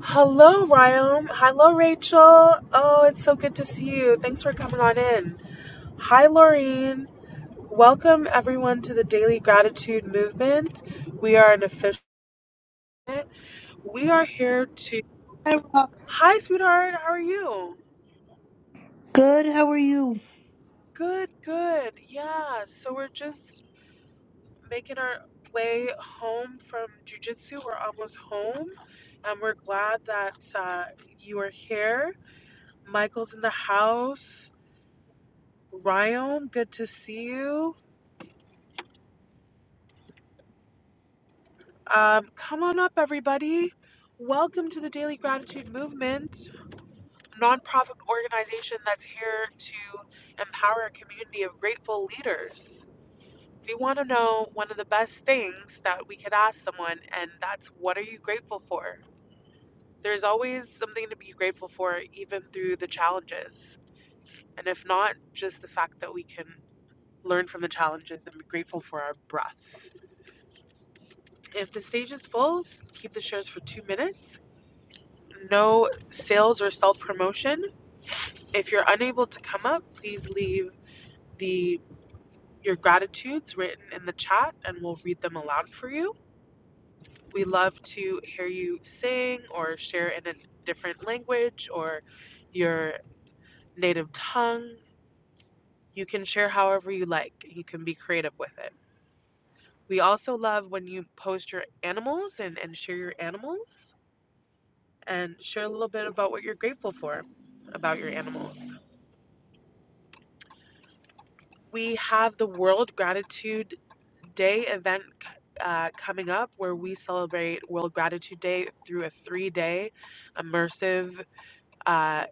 Hello, Ryan. Hello, Rachel. Oh, it's so good to see you. Thanks for coming on in. Hi, Laureen. Welcome, everyone, to the Daily Gratitude Movement. We are an official. We are here to. Hi, Rock. Hi, sweetheart. How are you? Good. How are you? Good, good. Yeah. So we're just making our way home from jujitsu. We're almost home, and we're glad that uh, you are here. Michael's in the house. Ryom, good to see you. Um, come on up, everybody. Welcome to the Daily Gratitude Movement, a nonprofit organization that's here to empower a community of grateful leaders. We want to know one of the best things that we could ask someone, and that's what are you grateful for? There's always something to be grateful for, even through the challenges. And if not, just the fact that we can learn from the challenges and be grateful for our breath. If the stage is full, keep the shares for two minutes. No sales or self promotion. If you're unable to come up, please leave the your gratitudes written in the chat and we'll read them aloud for you. We love to hear you sing or share in a different language or your native tongue. You can share however you like. You can be creative with it. We also love when you post your animals and, and share your animals. and share a little bit about what you're grateful for about your animals. We have the World Gratitude Day event uh, coming up where we celebrate World Gratitude Day through a three day immersive uh,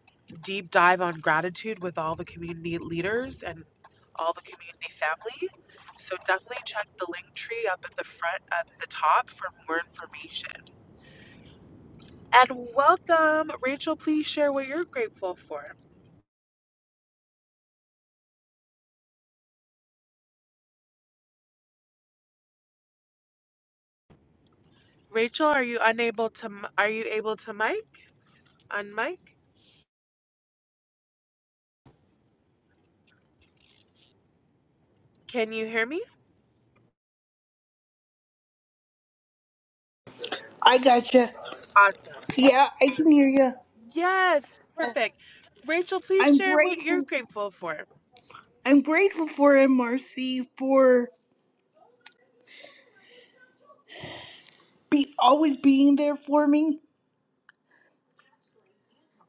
deep dive on gratitude with all the community leaders and all the community family. So definitely check the link tree up at the front, at the top for more information. And welcome! Rachel, please share what you're grateful for. Rachel, are you unable to? m- Are you able to mic? Unmic? Can you hear me? I gotcha. Awesome. Yeah, I can hear you. Yes, perfect. Rachel, please I'm share what you're grateful. grateful for. I'm grateful for MRC for be always being there for me,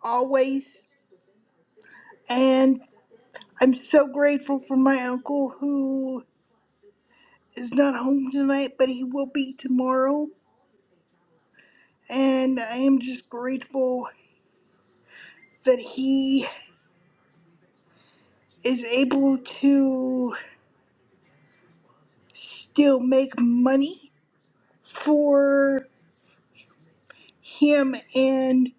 always. And I'm so grateful for my uncle who is not home tonight, but he will be tomorrow. And I am just grateful that he is able to still make money for him and.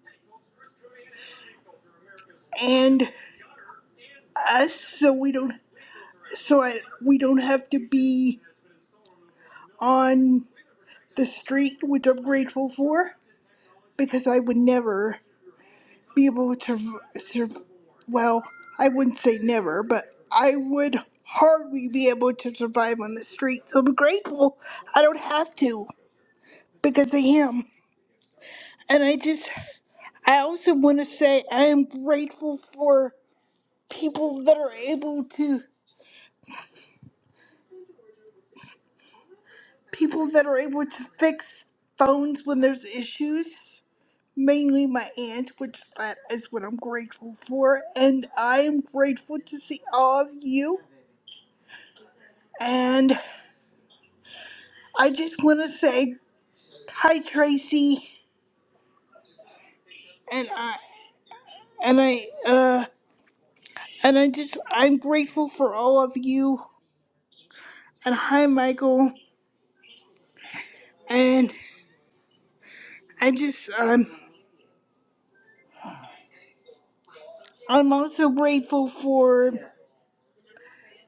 and us so we don't so I, we don't have to be on the street which i'm grateful for because i would never be able to surv- surv- well i wouldn't say never but i would hardly be able to survive on the street so i'm grateful i don't have to because i am and i just i also want to say i am grateful for people that are able to people that are able to fix phones when there's issues. Mainly my aunt, which that is what I'm grateful for, and I am grateful to see all of you. And I just want to say hi, Tracy, and I and I uh and I just I'm grateful for all of you. And hi, Michael, and I just um I'm also grateful for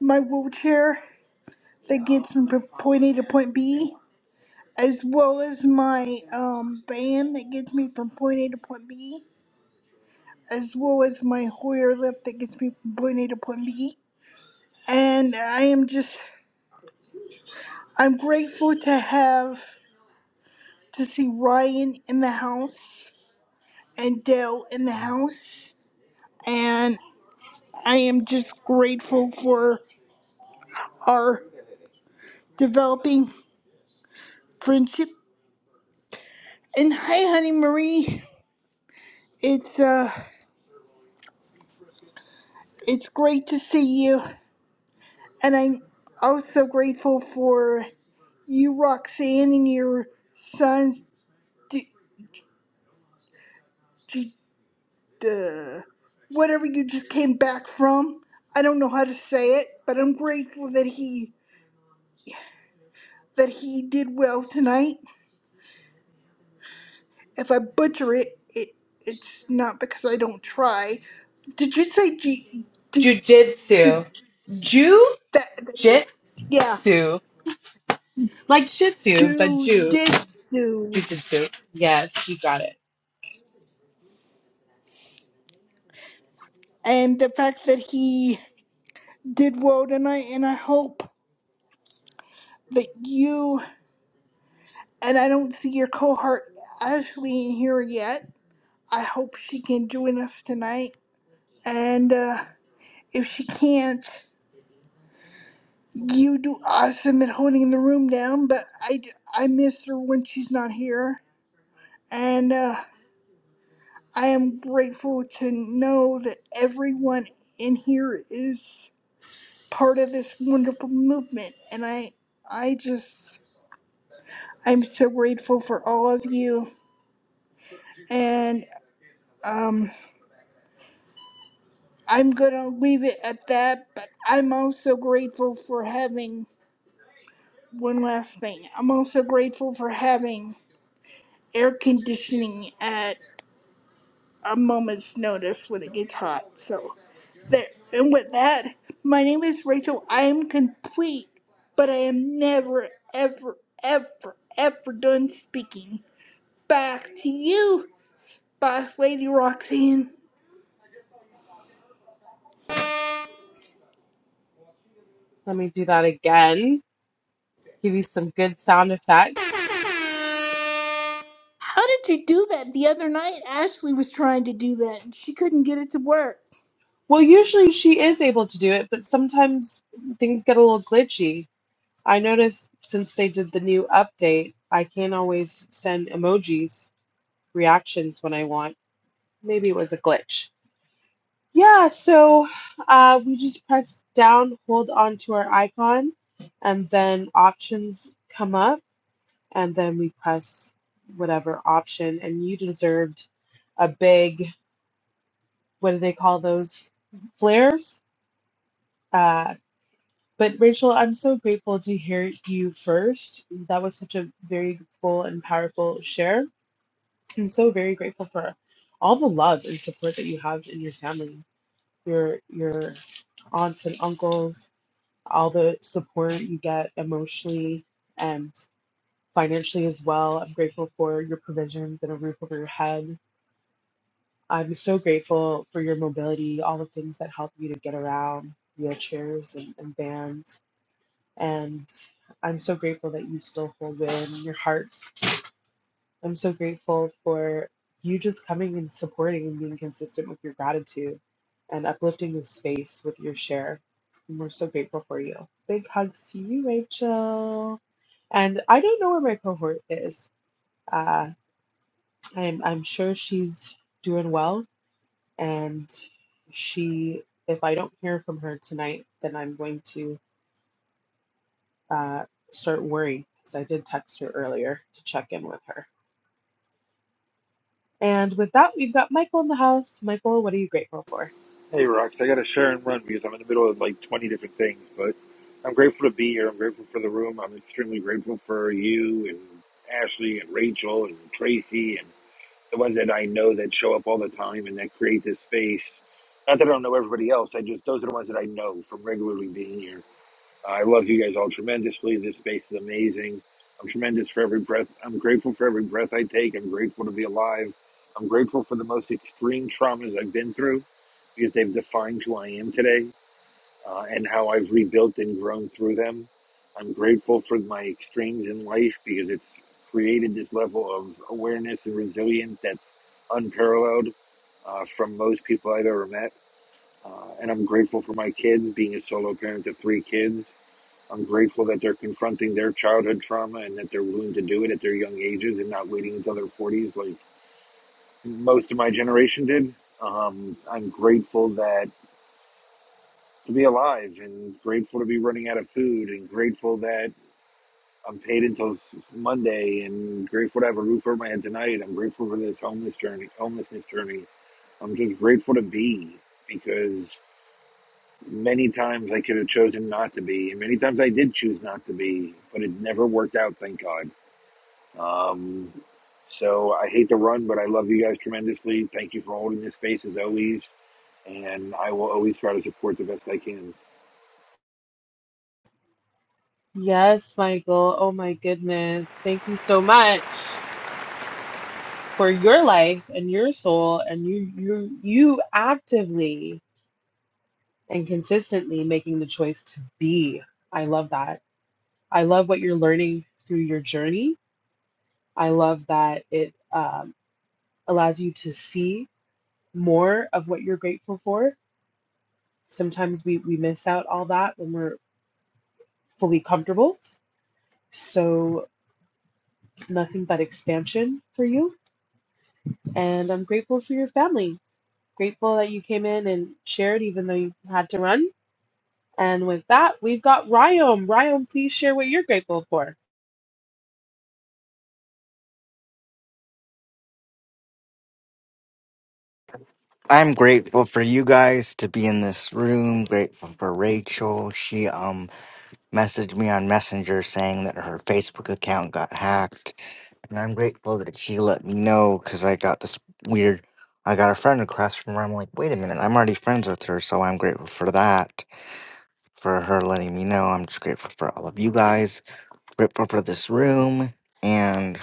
my wheelchair that gets me from point A to point B as well as my um band that gets me from point A to point B, as well as my Hoyer lip that gets me from point A to point B. And I am just I'm grateful to have to see Ryan in the house and Dale in the house. And I am just grateful for our developing friendship. And hi honey Marie. It's uh it's great to see you and I'm also grateful for you, Roxanne, and your sons, d- d- uh, whatever you just came back from. I don't know how to say it, but I'm grateful that he that he did well tonight. If I butcher it, it it's not because I don't try. Did you say G? Did, did Jew, that? That's it. Jitsu, Yeah, like at jujitsu, it. and the fact that he did well tonight, and I hope that you and I don't see your cohort Ashley in here yet. I hope she can join us tonight. And uh, if she can't, you do awesome at holding the room down. But I, I miss her when she's not here. And uh, I am grateful to know that everyone in here is part of this wonderful movement. And I, I just, I'm so grateful for all of you. And um, I'm going to leave it at that, but I'm also grateful for having one last thing. I'm also grateful for having air conditioning at a moment's notice when it gets hot. So, there. And with that, my name is Rachel. I am complete, but I am never, ever, ever, ever done speaking. Back to you, Boss Lady Roxanne. And sound effects. How did you do that the other night? Ashley was trying to do that and she couldn't get it to work. Well, usually she is able to do it, but sometimes things get a little glitchy. I noticed since they did the new update, I can't always send emojis reactions when I want. Maybe it was a glitch. Yeah, so uh, we just press down, hold on to our icon, and then options come up, and then we press whatever option. And you deserved a big, what do they call those? Flares. Uh, but Rachel, I'm so grateful to hear you first. That was such a very full and powerful share. I'm so very grateful for all the love and support that you have in your family, your your aunts and uncles all the support you get emotionally and financially as well. I'm grateful for your provisions and a roof over your head. I'm so grateful for your mobility, all the things that help you to get around, wheelchairs and, and vans. And I'm so grateful that you still hold in your heart. I'm so grateful for you just coming and supporting and being consistent with your gratitude and uplifting the space with your share. And we're so grateful for you. Big hugs to you, Rachel. And I don't know where my cohort is. Uh, I'm I'm sure she's doing well, and she. If I don't hear from her tonight, then I'm going to uh, start worrying because I did text her earlier to check in with her. And with that, we've got Michael in the house. Michael, what are you grateful for? Hey, Rox, I got to share and run because I'm in the middle of like 20 different things, but I'm grateful to be here. I'm grateful for the room. I'm extremely grateful for you and Ashley and Rachel and Tracy and the ones that I know that show up all the time and that create this space. Not that I don't know everybody else, I just, those are the ones that I know from regularly being here. I love you guys all tremendously. This space is amazing. I'm tremendous for every breath. I'm grateful for every breath I take. I'm grateful to be alive. I'm grateful for the most extreme traumas I've been through because they've defined who I am today uh, and how I've rebuilt and grown through them. I'm grateful for my extremes in life because it's created this level of awareness and resilience that's unparalleled uh, from most people I've ever met. Uh, and I'm grateful for my kids, being a solo parent to three kids I'm grateful that they're confronting their childhood trauma and that they're willing to do it at their young ages and not waiting until their 40s like most of my generation did. Um, I'm grateful that to be alive and grateful to be running out of food and grateful that I'm paid until Monday and grateful to have a roof over my head tonight. I'm grateful for this homeless journey, homelessness journey. I'm just grateful to be because many times I could have chosen not to be and many times I did choose not to be, but it never worked out. Thank God Um, so I hate to run, but I love you guys tremendously. Thank you for holding this space as always, and I will always try to support the best I can. Yes, Michael. Oh my goodness. Thank you so much for your life and your soul and you you you actively and consistently making the choice to be. I love that. I love what you're learning through your journey. I love that it um, allows you to see more of what you're grateful for. Sometimes we, we miss out all that when we're fully comfortable. So, nothing but expansion for you. And I'm grateful for your family. Grateful that you came in and shared, even though you had to run. And with that, we've got Ryom. Ryom, please share what you're grateful for. I'm grateful for you guys to be in this room. Grateful for Rachel. She um messaged me on Messenger saying that her Facebook account got hacked, and I'm grateful that she let me know because I got this weird. I got a friend request from her. I'm like, wait a minute, I'm already friends with her, so I'm grateful for that. For her letting me know, I'm just grateful for all of you guys. Grateful for this room, and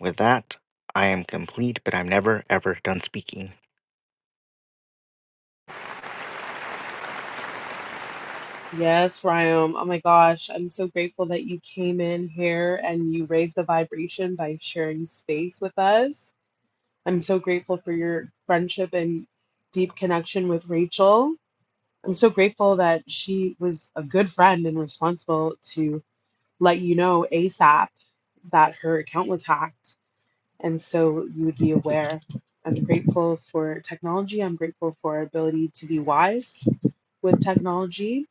with that, I am complete. But I'm never ever done speaking. Yes, Ryan. Oh my gosh, I'm so grateful that you came in here and you raised the vibration by sharing space with us. I'm so grateful for your friendship and deep connection with Rachel. I'm so grateful that she was a good friend and responsible to let you know ASAP that her account was hacked. And so you would be aware. I'm grateful for technology. I'm grateful for our ability to be wise with technology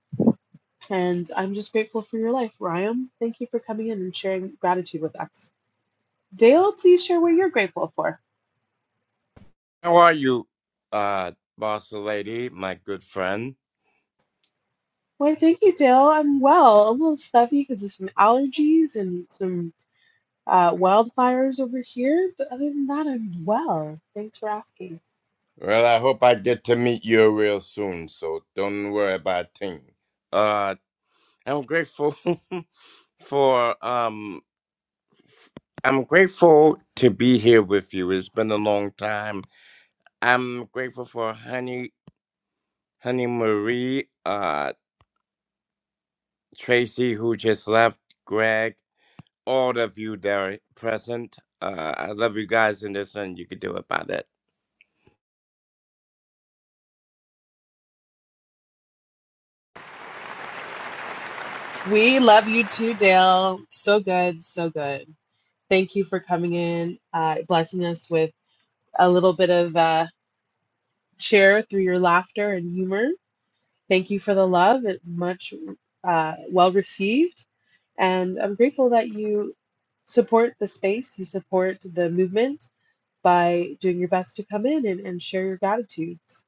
and I'm just grateful for your life, Ryan. Thank you for coming in and sharing gratitude with us. Dale, please share what you're grateful for. How are you, uh, boss lady, my good friend? Why, thank you, Dale. I'm well, a little stuffy because of some allergies and some uh, wildfires over here. But other than that, I'm well. Thanks for asking. Well, I hope I get to meet you real soon, so don't worry about a thing. Uh, I'm grateful for um, I'm grateful to be here with you. It's been a long time. I'm grateful for Honey, Honey Marie, uh, Tracy who just left, Greg, all of you that are present. Uh, I love you guys, and there's nothing you can do about it. We love you too, Dale. So good, so good. Thank you for coming in, uh, blessing us with a little bit of uh, cheer through your laughter and humor Thank you for the love. It much uh, well received. And I'm grateful that you support the space, you support the movement by doing your best to come in and, and share your gratitudes.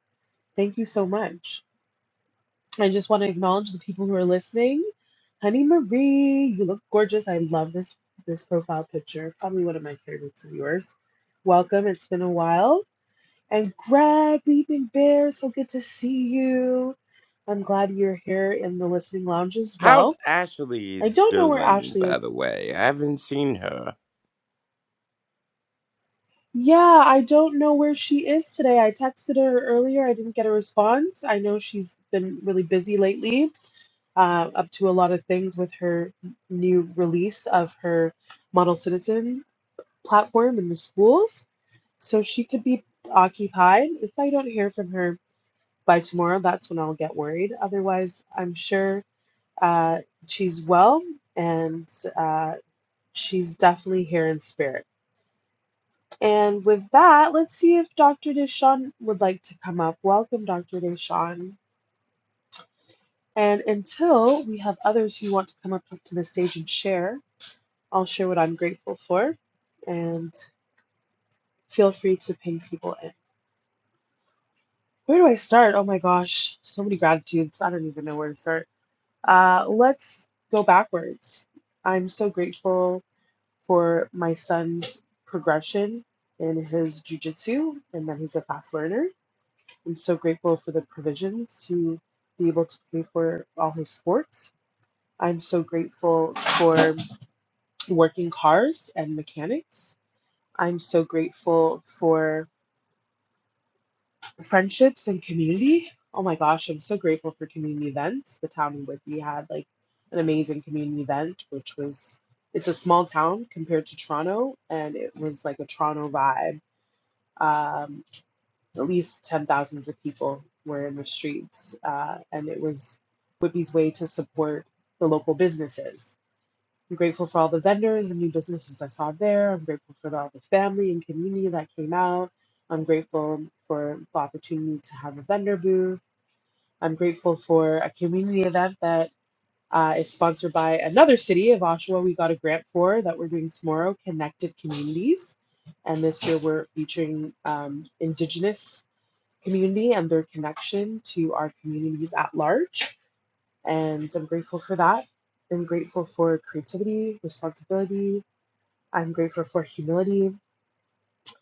Thank you so much. I just want to acknowledge the people who are listening. Honey Marie, you look gorgeous. I love this this profile picture. Probably one of my favorites of yours. Welcome. It's been a while. And Greg, Leaping Bear, so good to see you. I'm glad you're here in the listening lounge as How's well. I Ashley's don't know where doing, Ashley by the is. way? I haven't seen her. Yeah, I don't know where she is today. I texted her earlier. I didn't get a response. I know she's been really busy lately, uh, up to a lot of things with her new release of her Model Citizen platform in the schools. So she could be occupied. If I don't hear from her, by tomorrow, that's when I'll get worried. Otherwise, I'm sure uh, she's well and uh, she's definitely here in spirit. And with that, let's see if Dr. Deshawn would like to come up. Welcome, Dr. Deshawn. And until we have others who want to come up to the stage and share, I'll share what I'm grateful for and feel free to ping people in. Where do I start? Oh my gosh, so many gratitudes. I don't even know where to start. Uh, let's go backwards. I'm so grateful for my son's progression in his jujitsu and that he's a fast learner. I'm so grateful for the provisions to be able to pay for all his sports. I'm so grateful for working cars and mechanics. I'm so grateful for. friendships and community. Oh my gosh, I'm so grateful for community events. The town in Whitby had like an amazing community event, which was it's a small town compared to Toronto, and it was like a Toronto vibe. Um, at least ten thousands of people were in the streets, uh, and it was Whitby's way to support the local businesses. I'm grateful for all the vendors and new businesses I saw there. I'm grateful for all the family and community that came out. I'm grateful for the opportunity to have a vendor booth. I'm grateful for a community event that uh, is sponsored by another city of Oshawa. We got a grant for that we're doing tomorrow, Connected Communities. And this year we're featuring um, Indigenous community and their connection to our communities at large. And I'm grateful for that. I'm grateful for creativity, responsibility, I'm grateful for humility.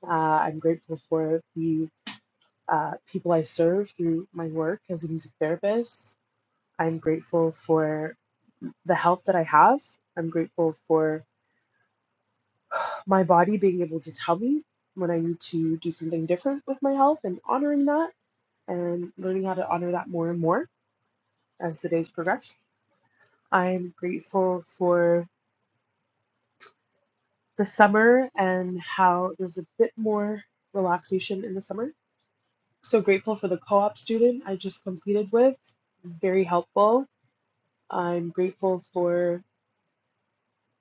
Uh, I'm grateful for the uh, people I serve through my work as a music therapist. I'm grateful for the health that I have. I'm grateful for my body being able to tell me when I need to do something different with my health and honoring that and learning how to honor that more and more as the days progress. I'm grateful for the summer and how there's a bit more relaxation in the summer so grateful for the co-op student I just completed with. Very helpful. I'm grateful for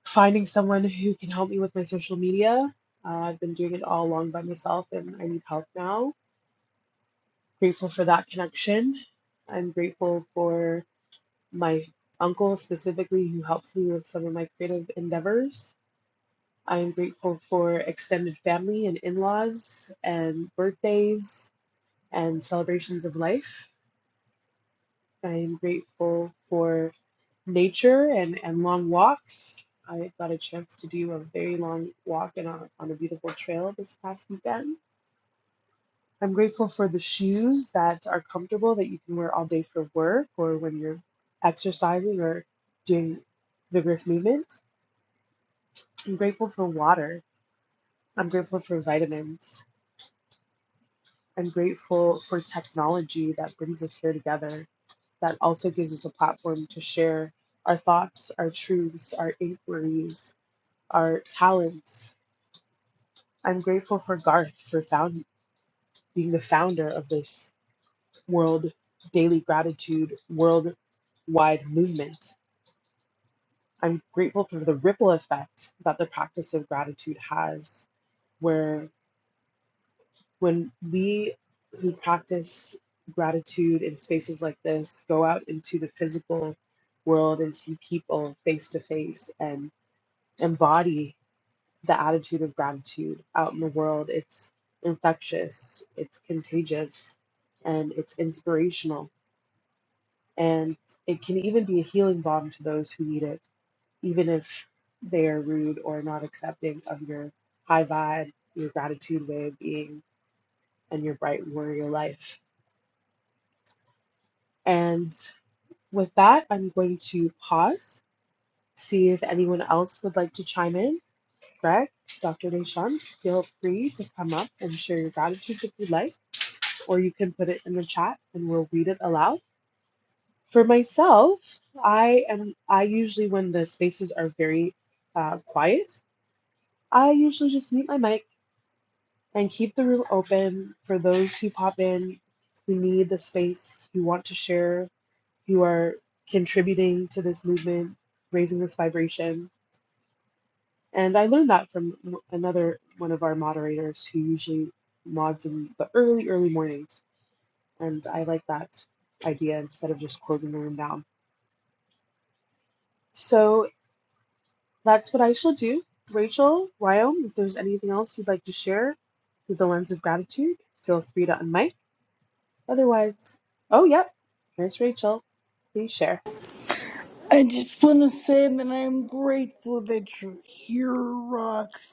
finding someone who can help me with my social media. Uh, I've been doing it all along by myself and I need help now. Grateful for that connection. I'm grateful for my uncle specifically who helps me with some of my creative endeavors. I am grateful for extended family and in-laws and birthdays and celebrations of life. I am grateful for nature and, and long walks. I got a chance to do a very long walk in a, on a beautiful trail this past weekend. I'm grateful for the shoes that are comfortable that you can wear all day for work or when you're exercising or doing vigorous movement. I'm grateful for water. I'm grateful for vitamins. I'm grateful for technology that brings us here together, that also gives us a platform to share our thoughts, our truths, our inquiries, our talents, I'm grateful for Garth for found, being the founder of this world daily gratitude worldwide movement. I'm grateful for the ripple effect that the practice of gratitude has, where when we who practice gratitude in spaces like this go out into the physical world and see people face to face and embody the attitude of gratitude out in the world. It's infectious, it's contagious, and it's inspirational. And it can even be a healing balm to those who need it, even if they are rude or not accepting of your high vibe, your gratitude way of being, and your bright warrior life. And with that, I'm going to pause, see if anyone else would like to chime in. Greg, Dr. Nishant, feel free to come up and share your gratitudes if you'd like. or you can put it in the chat and we'll read it aloud. For myself, I am I usually when the spaces are very uh, quiet, I usually just mute my mic and keep the room open for those who pop in, who need the space, who want to share, who are contributing to this movement, raising this vibration. And I learned that from another one of our moderators who usually mods in the early, early mornings. And I like that idea instead of just closing the room down. So that's what I shall do. Rachel, Ryan, if there's anything else you'd like to share through the lens of gratitude, feel free to unmic. Otherwise, oh, yep, here's Rachel. Please share. I just want to say that I'm grateful that you're here, Rox,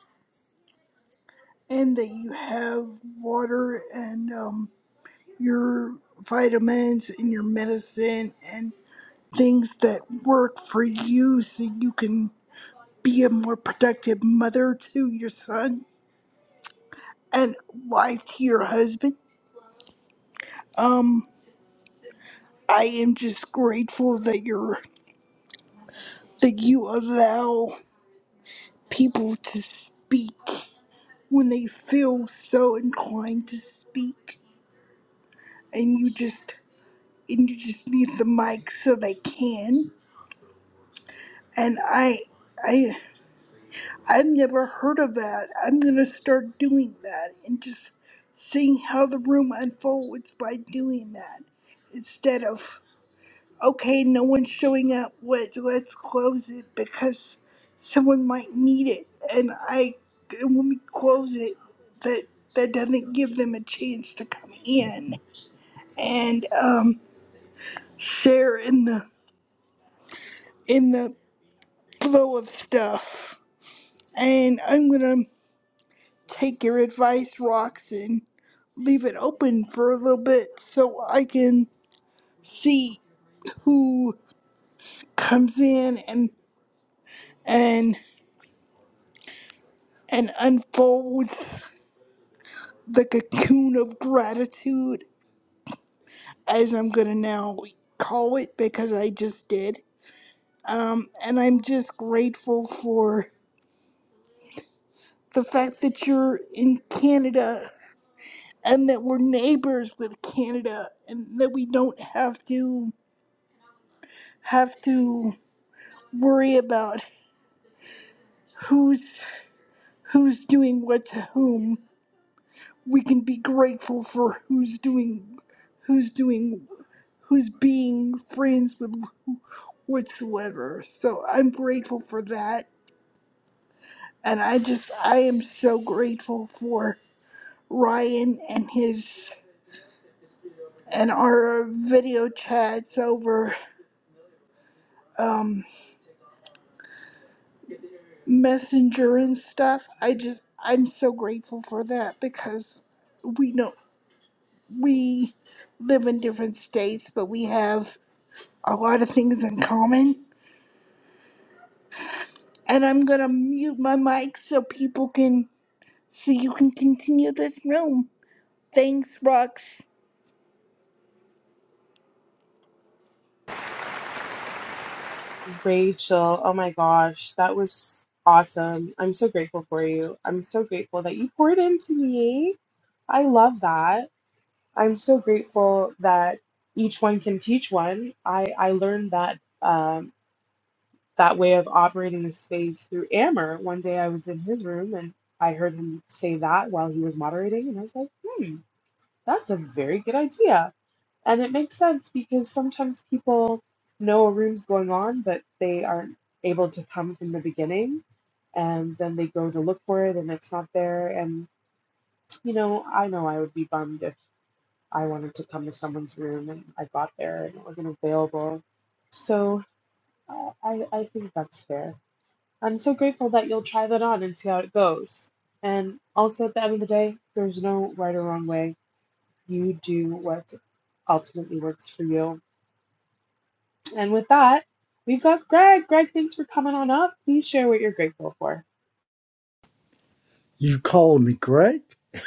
and that you have water and um, your vitamins and your medicine and things that work for you so you can be a more productive mother to your son and wife to your husband. Um, I am just grateful that you're that you allow people to speak when they feel so inclined to speak and you just and you just need the mic so they can and i i i've never heard of that i'm gonna start doing that and just seeing how the room unfolds by doing that instead of okay no one's showing up let, let's close it because someone might need it and i and when we close it that that doesn't give them a chance to come in and um, share in the in the flow of stuff. And I'm gonna take your advice, Rox, and leave it open for a little bit so I can see who comes in and and and unfolds the cocoon of gratitude, as I'm gonna now call it because I just did. Um, and I'm just grateful for the fact that you're in Canada and that we're neighbors with Canada and that we don't have to have to worry about who's who's doing what to whom. We can be grateful for who's doing who's doing who's being friends with whatsoever. So I'm grateful for that and I just I am so grateful for Ryan and his and our video chats over um messenger and stuff. I just I'm so grateful for that because we know we live in different states, but we have a lot of things in common. And I'm gonna mute my mic so people can so you can continue this room. Thanks, Rox. Rachel, oh my gosh, that was awesome. I'm so grateful for you. I'm so grateful that you poured into me. I love that. I'm so grateful that each one can teach one. I, I learned that. Um, that way of operating the space through Amber. One day I was in his room and I heard him say that while he was moderating, and I was like, hmm, that's a very good idea. And it makes sense because sometimes people know a room's going on, but they aren't able to come from the beginning. And then they go to look for it and it's not there. And, you know, I know I would be bummed if I wanted to come to someone's room and I got there and it wasn't available. So uh, I, I think that's fair. I'm so grateful that you'll try that on and see how it goes. And also, at the end of the day, there's no right or wrong way. You do what ultimately works for you. And with that, we've got Greg. Greg, thanks for coming on up. Please share what you're grateful for. You called me Greg?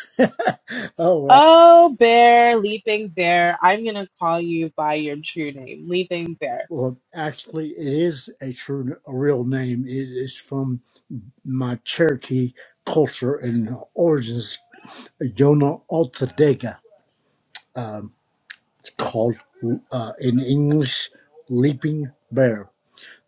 oh, uh, Oh, bear, leaping bear, I'm going to call you by your true name, leaping bear. well, actually, it is a true, a real name. It is from my Cherokee culture and origins, Yona Altadega. Um, it's called uh, in English, Leaping Bear.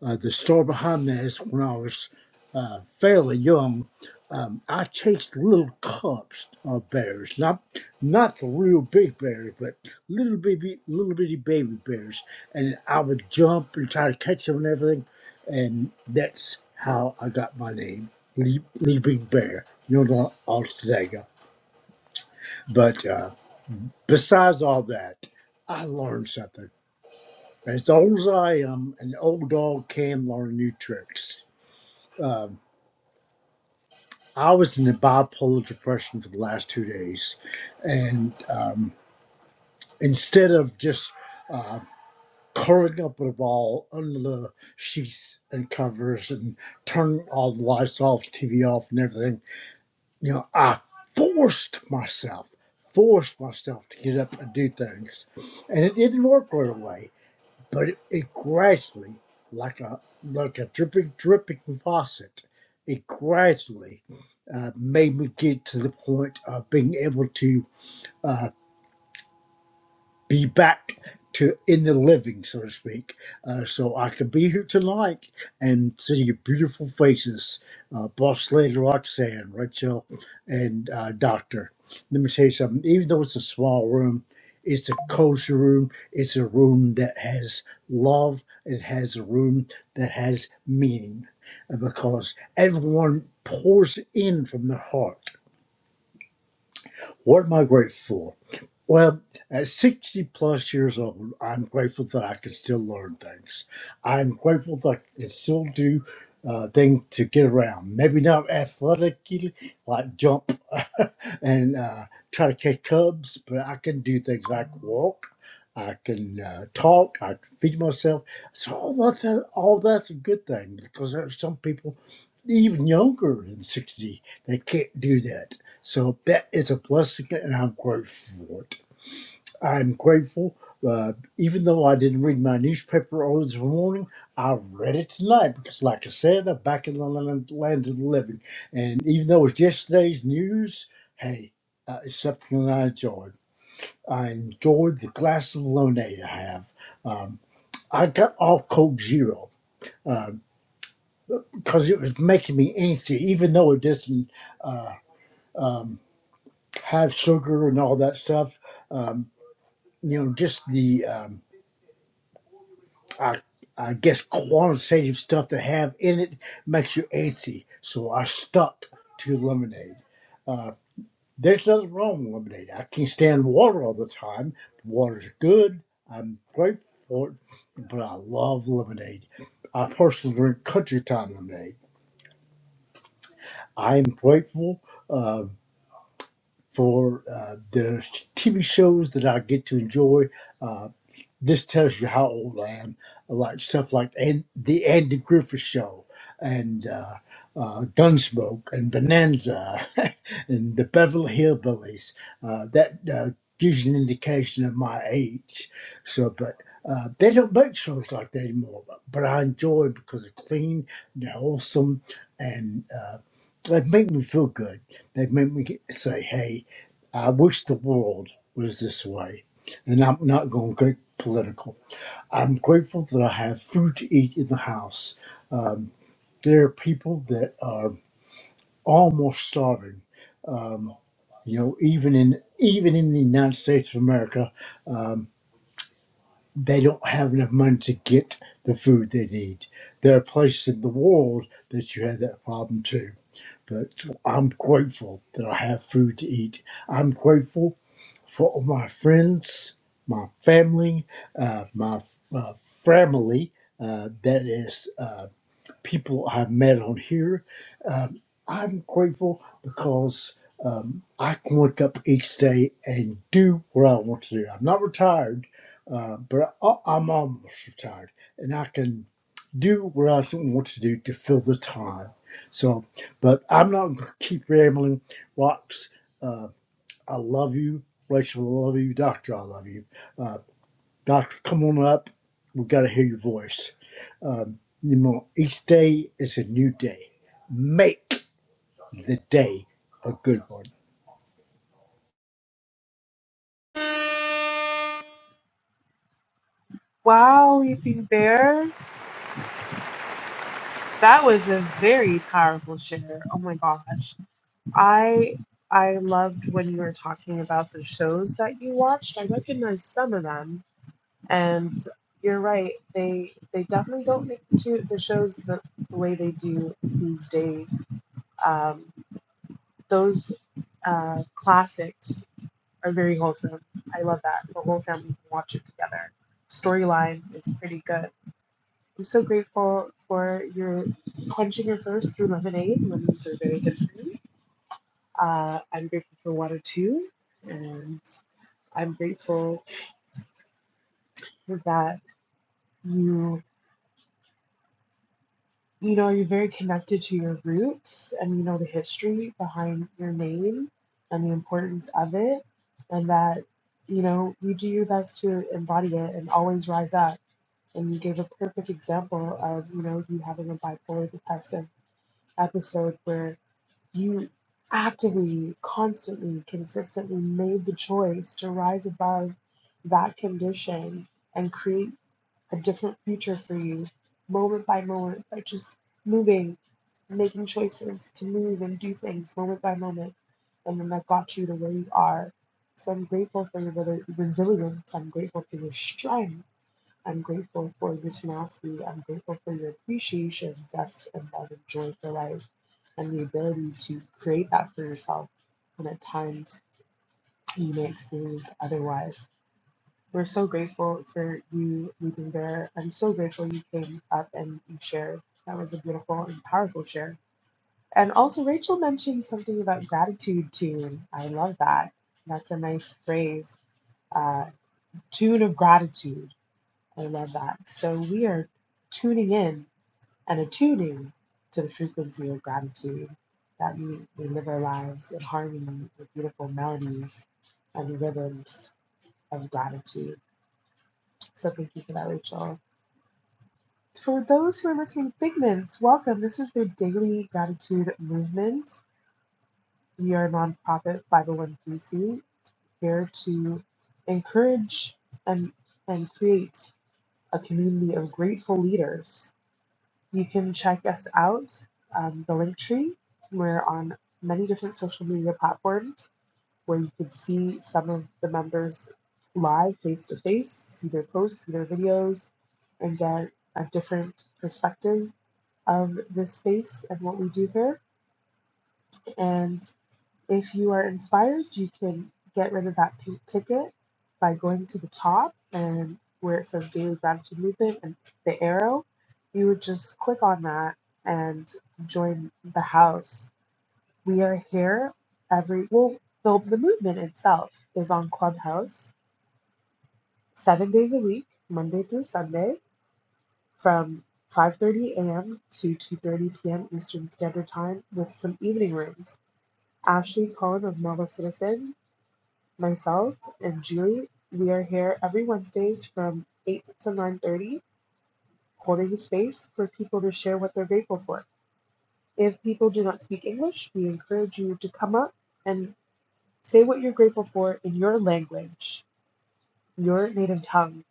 uh, the store behind me is when I was uh, fairly young. Um, I chased little cubs of bears, not not the real big bears, but little baby, little bitty baby bears, and I would jump and try to catch them and everything, and that's how I got my name, Leap, Leaping Bear, Yona Altadega. But uh, besides all that, I learned something. As old as I am, an old dog can learn new tricks Uh, I was in a bipolar depression for the last two days, and um, instead of just uh, curling up in a ball under the sheets and covers and turning all the lights off, TV off, and everything, you know, I forced myself, forced myself to get up and do things, and it didn't work right away but it, it gradually, like a like a dripping dripping faucet, it gradually uh, made me get to the point of being able to uh, be back to in the living, so to speak. Uh, so I could be here tonight and see your beautiful faces, uh, Boss Lady Roxanne, Rachel, and uh, Doctor. Let me tell you something. Even though it's a small room, it's a cozy room. It's a room that has love. It has a room that has meaning, Uh, because everyone pours in from their heart what am I grateful for? Well, at 60 plus years old, I'm grateful that I can still learn things. I'm grateful that I can still do uh, things to get around. Maybe not athletically, like jump and uh, try to catch cubs, but I can do things like walk. I can uh, talk. I can feed myself. So all that's a, all that's a good thing because there are some people even younger than sixty that can't do that. So that is a blessing, and I'm grateful for it. I'm grateful. Uh, even though I didn't read my newspaper early this morning, I read it tonight because, like I said, I'm back in the land, land of the living. And even though it was yesterday's news, hey, uh, it's something that I enjoyed. I enjoyed the glass of lemonade I have. Um, I got off Coke Zero uh, because it was making me antsy, even though it doesn't um, have sugar and all that stuff. um, you know, just the um, I, I guess qualitative stuff they have in it makes you antsy. So I stuck to lemonade. Uh, there's nothing wrong with lemonade. I can't stand water all the time. Water's good. I'm grateful for it, but I love lemonade. I personally drink country time lemonade. I am grateful uh, for uh, the TV shows that I get to enjoy. Uh, this tells you how old I am. Like stuff like and the Andy Griffith Show and uh, uh, Gunsmoke and Bonanza and the Beverly Hillbillies. Uh, that uh, gives you an indication of my age. So, but. Uh, they don't make shows like that anymore, but, but I enjoy it because they're clean, they're awesome, and uh, they make me feel good. They make me say, "Hey, I wish the world was this way." And I'm not going to get political. I'm grateful that I have food to eat in the house. There are people that are almost starving. Um, you know, even in even in the United States of America, um, they don't have enough money to get the food they need. There are places in the world that you have that problem too. But I'm grateful that I have food to eat. I'm grateful for my friends, my family, uh, my uh, family. Uh, that is uh, people I've met on here. Um, I'm grateful because um, I can wake up each day and do what I want to do. I'm not retired, uh, but I, I'm almost retired, and I can do what I want to do to fill the time. So, but I'm not going to keep rambling, rocks. uh, I love you. Rachel, I love you. Doctor, I love you. Uh, doctor, come on up. We've got to hear your voice. Um, you know, each day is a new day. Make the day a good one. Wow, leaping bear, that was a very powerful share. Oh my gosh. I I loved when you were talking about the shows that you watched. I recognize some of them, and you're right. They they definitely don't make the, two, the shows the, the way they do these days. Um, those uh, classics are very wholesome. I love that the whole family can watch it together. Storyline is pretty good. I'm so grateful for your quenching your thirst through lemonade. Lemons are very good for you Uh, I'm grateful for water too, and I'm grateful that you you know you're very connected to your roots and you know the history behind your name and the importance of it, and that you know you do your best to embody it and always rise up. And you gave a perfect example of you know you having a bipolar depressive episode where you actively, constantly, consistently made the choice to rise above that condition and create a different future for you moment by moment by just moving, making choices to move and do things moment by moment. And then that got you to where you are. So I'm grateful for your resilience. I'm grateful for your strength. I'm grateful for your tenacity. I'm grateful for your appreciation, zest, and love and joy for life, and the ability to create that for yourself when at times you may experience otherwise. We're so grateful for you, Leaping Bear. I'm so grateful you came up and you shared. That was a beautiful and powerful share. And also, Rachel mentioned something about gratitude tune. I love that. That's a nice phrase uh, tune of gratitude. I love that. So we are tuning in and attuning to the frequency of gratitude that we, we live our lives in harmony with beautiful melodies and rhythms of gratitude. So thank you for that, Rachel. For those who are listening, Figments, welcome. This is the Daily Gratitude Movement. We are a nonprofit 501c here to encourage and, and create a community of grateful leaders You can check us out, um, the link tree. We're on many different social media platforms where you can see some of the members live face to face, see their posts, see their videos, and get a different perspective of this space and what we do here. And if you are inspired, you can get rid of that pink ticket by going to the top and where it says Daily Gratitude Movement and the arrow, you would just click on that and join the house. We are here every, well, the, the movement itself is on Clubhouse seven days a week, Monday through Sunday, from 5.30 a.m. to 2.30 p.m. Eastern Standard Time with some evening rooms. Ashley Cohen of Mobile Citizen Myself and Julie, we are here every Wednesdays from 8 to 9:30, holding space for people to share what they're grateful for. If people do not speak English, we encourage you to come up and say what you're grateful for in your language, your native tongue.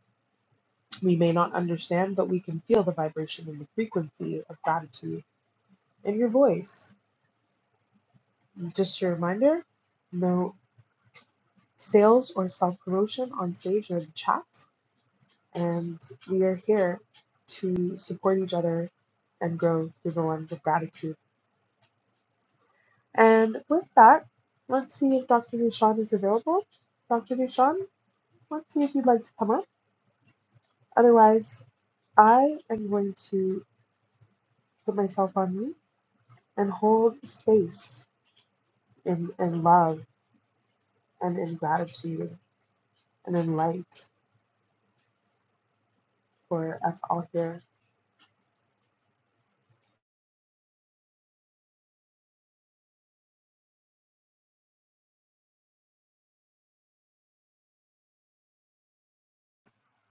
We may not understand, but we can feel the vibration and the frequency of gratitude in your voice. Just a reminder, no sales or self promotion on stage or the chat. and we are here to support each other and grow through the lens of gratitude. And with that, let's see if Dr. Dushan is available. Dr. Dushan, let's see if you'd like to come up. Otherwise, I am going to put myself on mute and hold space in, in love and in gratitude and in light for us all here.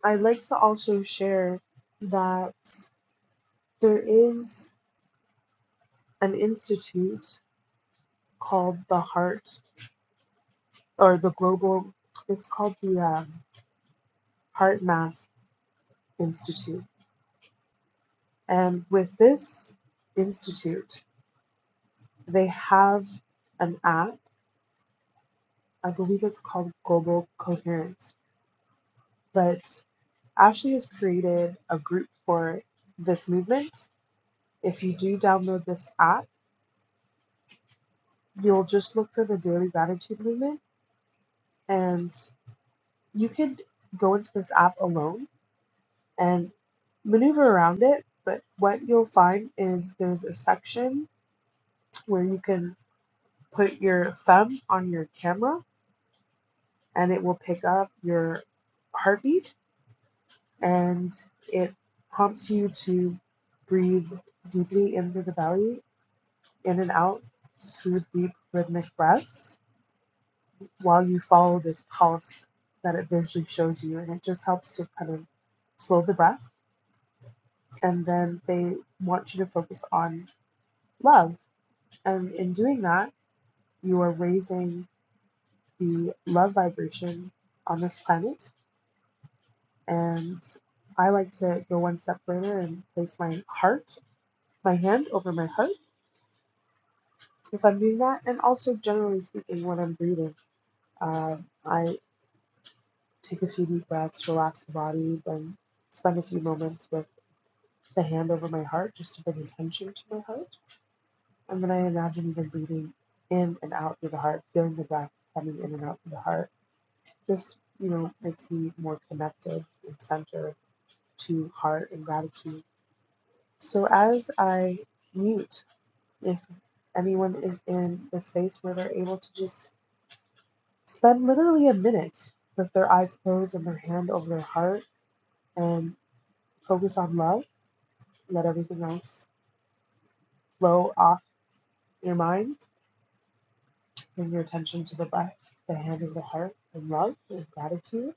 I'd like to also share that there is an institute called the Heart or the Global. It's called the um, Heart Math Institute, and with this institute, they have an app. I believe it's called Global Coherence, but Ashley has created a group for this movement. If you do download this app, you'll just look for the Daily Gratitude Movement, and you can go into this app alone and maneuver around it. But what you'll find is there's a section where you can put your thumb on your camera and it will pick up your heartbeat and it prompts you to breathe deeply into the belly, in and out, smooth, deep, rhythmic breaths while you follow this pulse that it visually shows you. And it just helps to kind of slow the breath. And then they want you to focus on love And in doing that, you are raising the love vibration on this planet. And I like to go one step further and place my heart, my hand over my heart if I'm doing that. And also, generally speaking, when I'm breathing, uh, I take a few deep breaths, relax the body, then spend a few moments with the hand over my heart just to bring attention to my heart. And then I imagine even breathing in and out through the heart, feeling the breath coming in and out through the heart just you know makes me more connected and centered to heart and gratitude. So as I mute, if anyone is in the space where they're able to just spend literally a minute with their eyes closed and their hand over their heart and focus on love, let everything else flow off your mind. Bring your attention to the breath, the hand over the heart, and love and gratitude.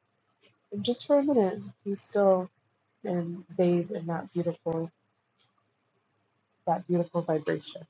And just for a minute, be still and bathe in that beautiful that beautiful vibration.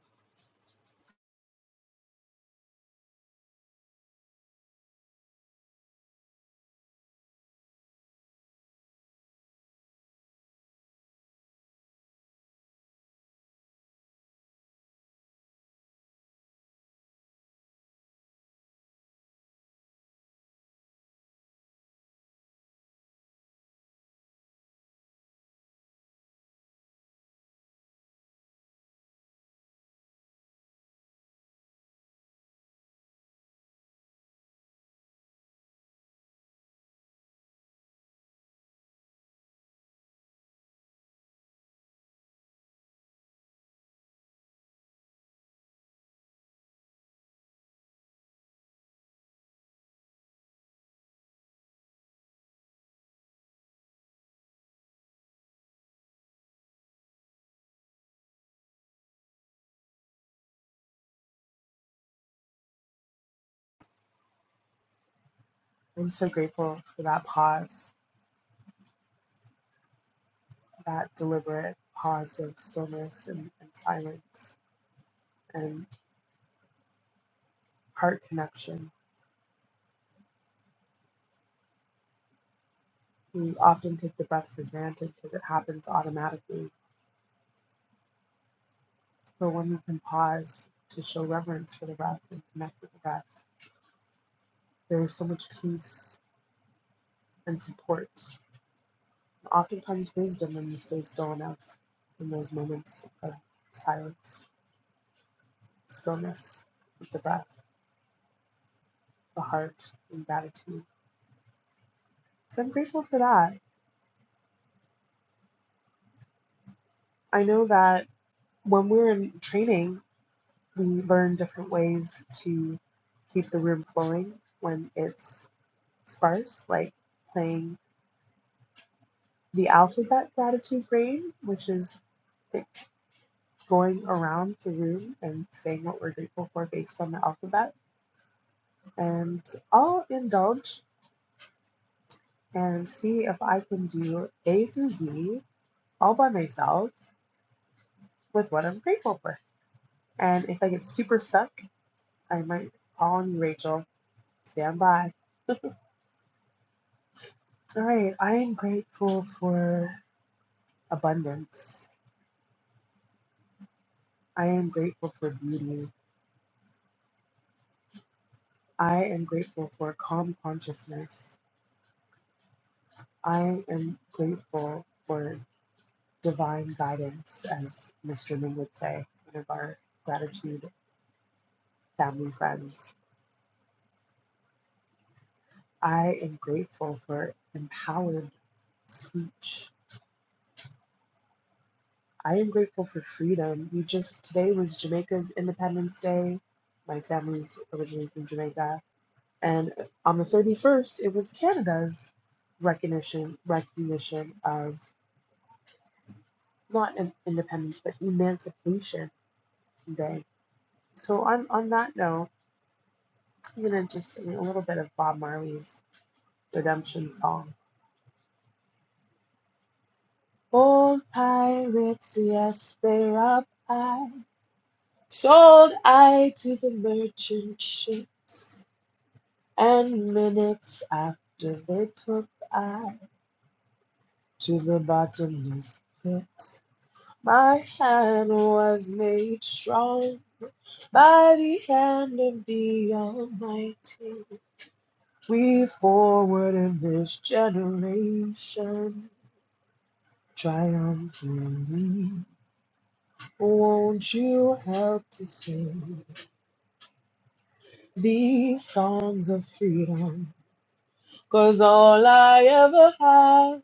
I'm so grateful for that pause, that deliberate pause of stillness and, and silence and heart connection. We often take the breath for granted because it happens automatically. But when we can pause to show reverence for the breath and connect with the breath, there is so much peace and support. and Oftentimes, wisdom when we stay still enough in those moments of silence, stillness, with the breath, the heart, and gratitude. So I'm grateful for that. I know that when we were in training, we learn different ways to keep the room flowing when it's sparse, like playing the alphabet gratitude game, which is the, going around the room and saying what we're grateful for based on the alphabet. And I'll indulge and see if I can do A through Z all by myself with what I'm grateful for. And if I get super stuck, I might call on Rachel. Stand by. All right. I am grateful for abundance. I am grateful for beauty. I am grateful for calm consciousness. I am grateful for divine guidance, as Mr. Ming would say, one of our gratitude family friends. I am grateful for empowered speech. I am grateful for freedom. We just, today was Jamaica's Independence Day. My family's originally from Jamaica. And on the 31st, it was Canada's recognition, recognition of not an independence, but Emancipation Day. So on, on that note, I'm going to just sing a little bit of Bob Marley's redemption song. Old pirates, yes, they're up. I sold I to the merchant ships. And minutes after they took I to the bottomless pit. My hand was made strong by the hand of the Almighty. We forward in this generation triumphantly. Won't you help to sing these songs of freedom? 'Cause all I ever have,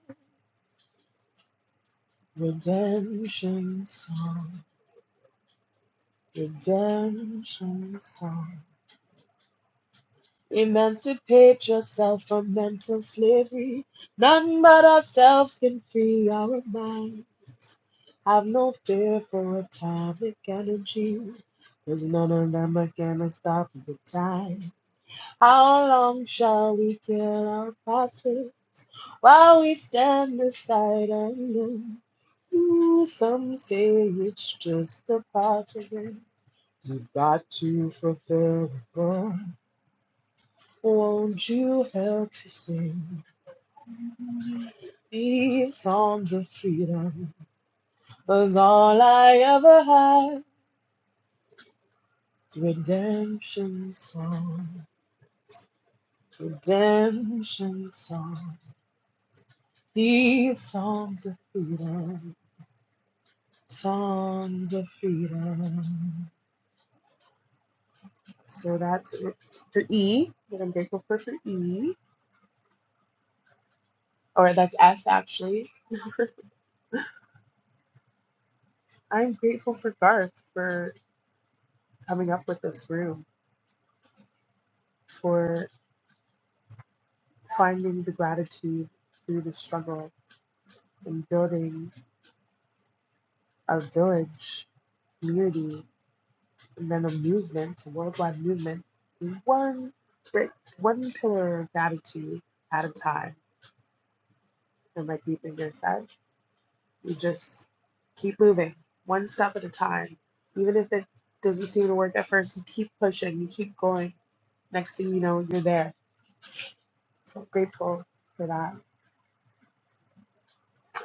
redemption song. Redemption song. Emancipate yourself from mental slavery. None but ourselves can free our minds. Have no fear for atomic energy, 'cause none of them are gonna stop the time. How long shall we kill our prophets while we stand aside and look? some say it's just a part of it. You got to fulfill the burn. Won't you help to sing these songs of freedom? 'Cause all I ever had, redemption song, redemption song. These songs of freedom, songs of freedom. So that's for E, what I'm grateful for for E, or that's F actually. I'm grateful for Garth for coming up with this room. for finding the gratitude through the struggle and building a village community and then a movement, a worldwide movement, one brick, one pillar of gratitude at a time. And like Deepinger said, you just keep moving one step at a time. Even if it doesn't seem to work at first, you keep pushing, you keep going. Next thing you know, you're there. So I'm grateful for that.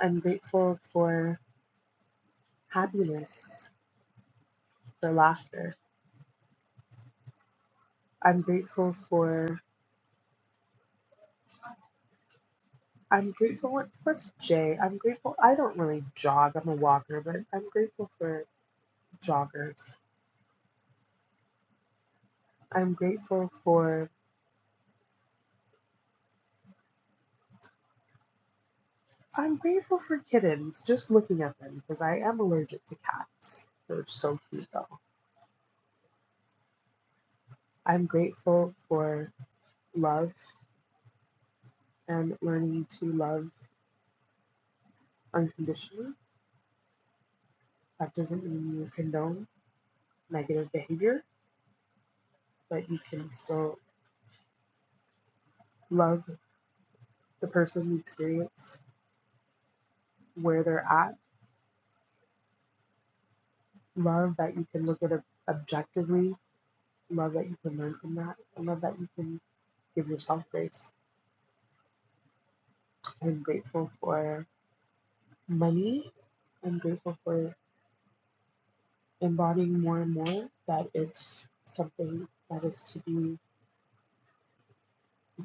I'm grateful for happiness, for laughter, I'm grateful for. I'm grateful. What, what's Jay? I'm grateful. I don't really jog. I'm a walker, but I'm grateful for joggers. I'm grateful for. I'm grateful for kittens. Just looking at them because I am allergic to cats. They're so cute though. I'm grateful for love and learning to love unconditionally. That doesn't mean you condone negative behavior, but you can still love the person, the experience, where they're at love that you can look at it objectively, love that you can learn from that, I love that you can give yourself grace. I'm grateful for money. I'm grateful for embodying more and more that it's something that is to be,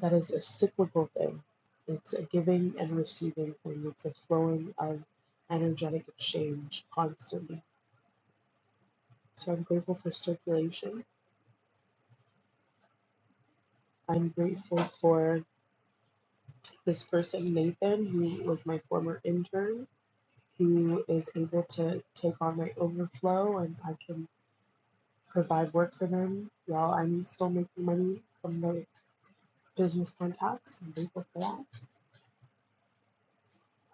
that is a cyclical thing. It's a giving and receiving thing, it's a flowing of energetic exchange constantly. So I'm grateful for circulation. I'm grateful for this person, Nathan, who was my former intern who is able to take on my overflow and I can provide work for them while I'm still making money from the business contacts. I'm grateful for that.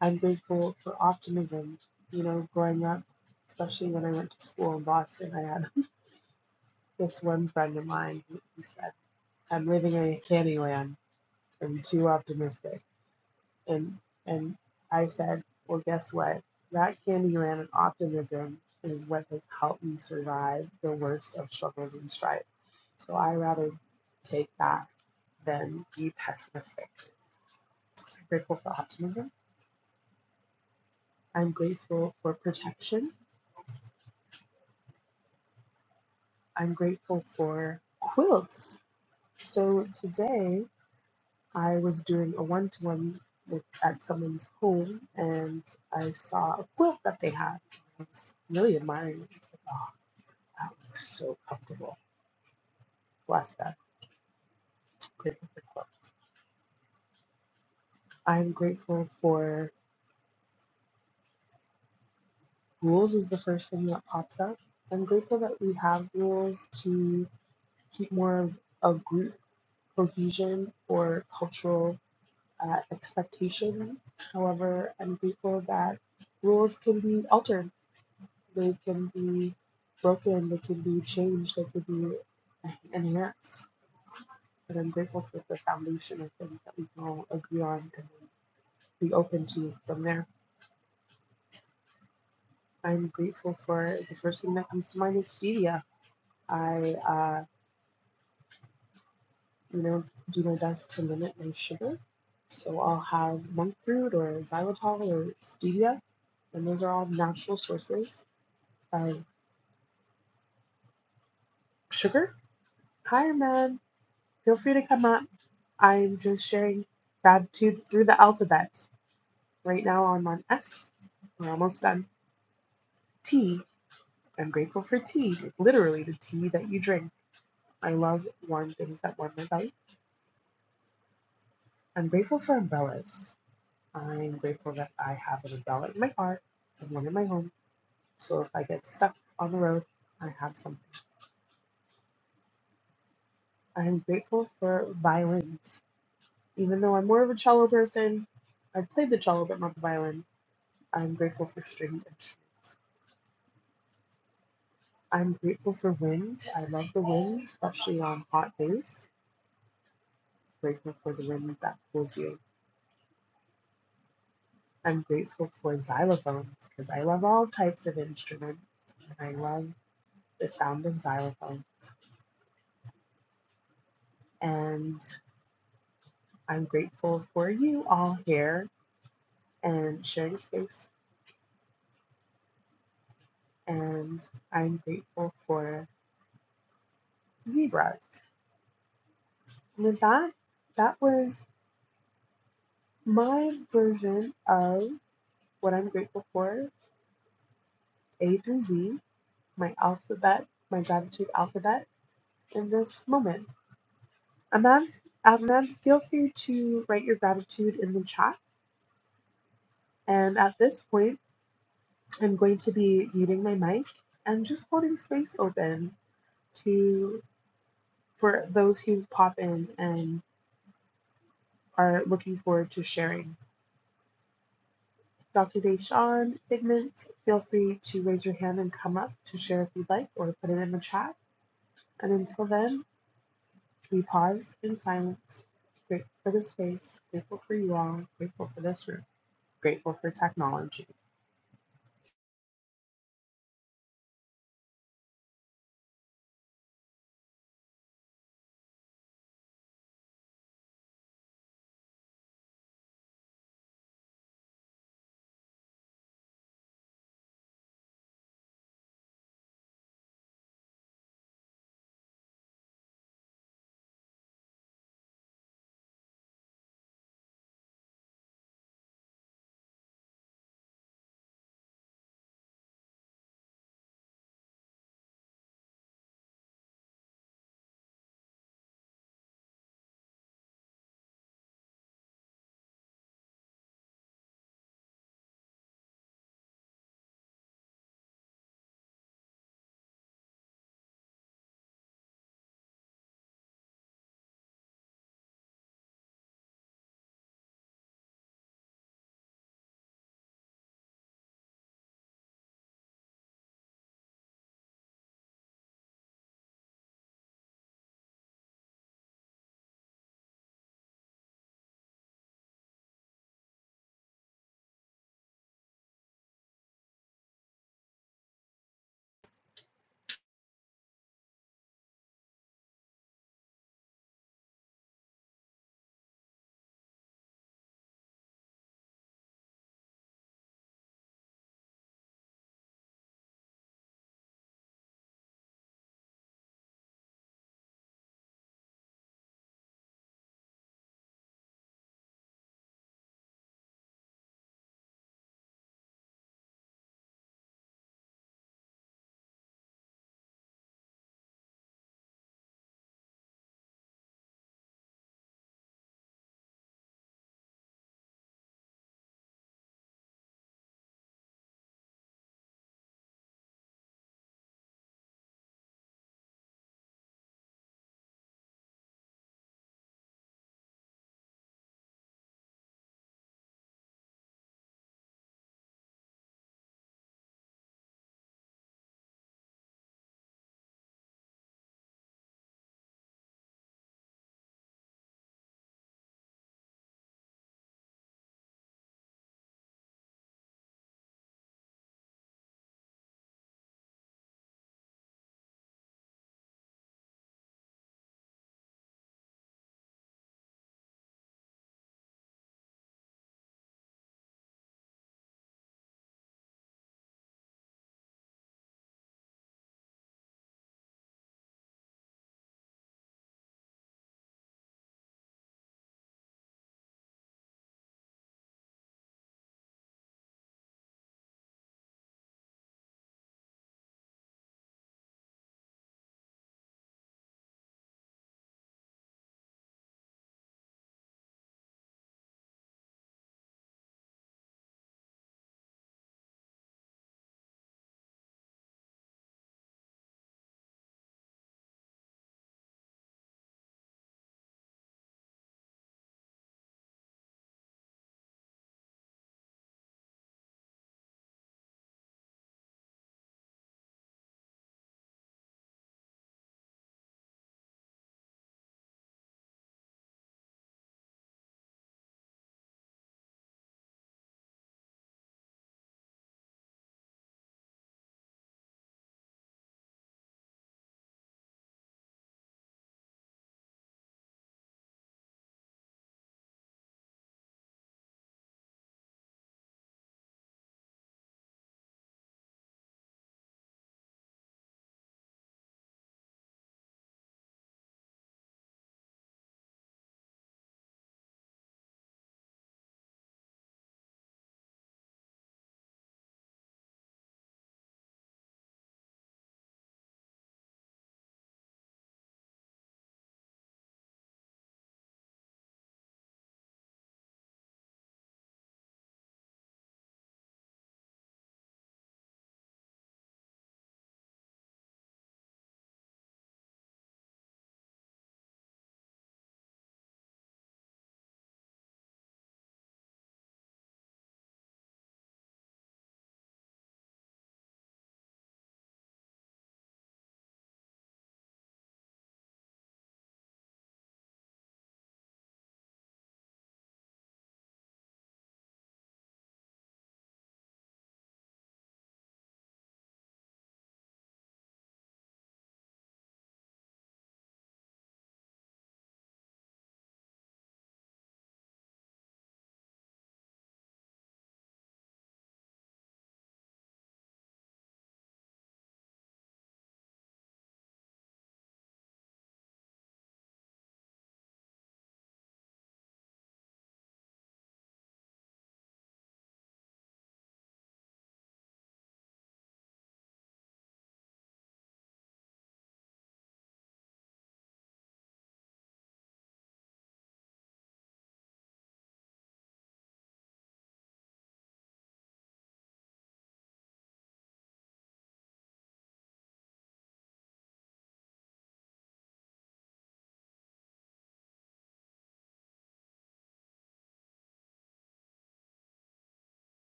I'm grateful for optimism. You know, growing up, especially when I went to school in Boston, I had this one friend of mine who said, I'm living in a candy land. I'm too optimistic. And and I said, Well guess what? That Candyland and optimism is what has helped me survive the worst of struggles and strife. So I rather take that than be pessimistic. So I'm grateful for optimism. I'm grateful for protection. I'm grateful for quilts. So today I was doing a one to one at someone's home and I saw a quilt that they had. I was really admiring it. It was like a That was so comfortable. Bless that. Grateful for quotes. I'm grateful for rules is the first thing that pops up. I'm grateful that we have rules to keep more of a group cohesion or cultural uh, expectation. However, I'm grateful that rules can be altered. They can be broken. They can be changed. They can be enhanced. But I'm grateful for the foundation of things that we can all agree on and be open to from there. I'm grateful for the first thing that comes to mind is stevia. I, uh, you know, do my best to limit my sugar. So I'll have monk fruit or xylitol or stevia, and those are all natural sources of sugar. Hi, man. Feel free to come up. I'm just sharing gratitude through the alphabet. Right now I'm on S. We're almost done. T. I'm grateful for tea, like literally the tea that you drink. I love warm things that warm my belly. I'm grateful for umbrellas. I'm grateful that I have an umbrella in my car and one in my home. So if I get stuck on the road, I have something. I'm grateful for violins. Even though I'm more of a cello person, I've played the cello but not the violin. I'm grateful for string instruments. I'm grateful for wind. I love the wind, especially on hot days. I'm Grateful for the wind that pulls you. I'm grateful for xylophones because I love all types of instruments and I love the sound of xylophones. And I'm grateful for you all here and sharing space. And I'm grateful for zebras. And with that, that was my version of what I'm grateful for A through Z, my alphabet, my gratitude alphabet in this moment. Ahmed, Ahmed, feel free to write your gratitude in the chat. And at this point, I'm going to be muting my mic and just holding space open to for those who pop in and are looking forward to sharing. Dr. Deshawn, Figments, feel free to raise your hand and come up to share if you'd like or put it in the chat. And until then, we pause in silence. Grateful for the space, grateful for you all, grateful for this room, grateful for technology.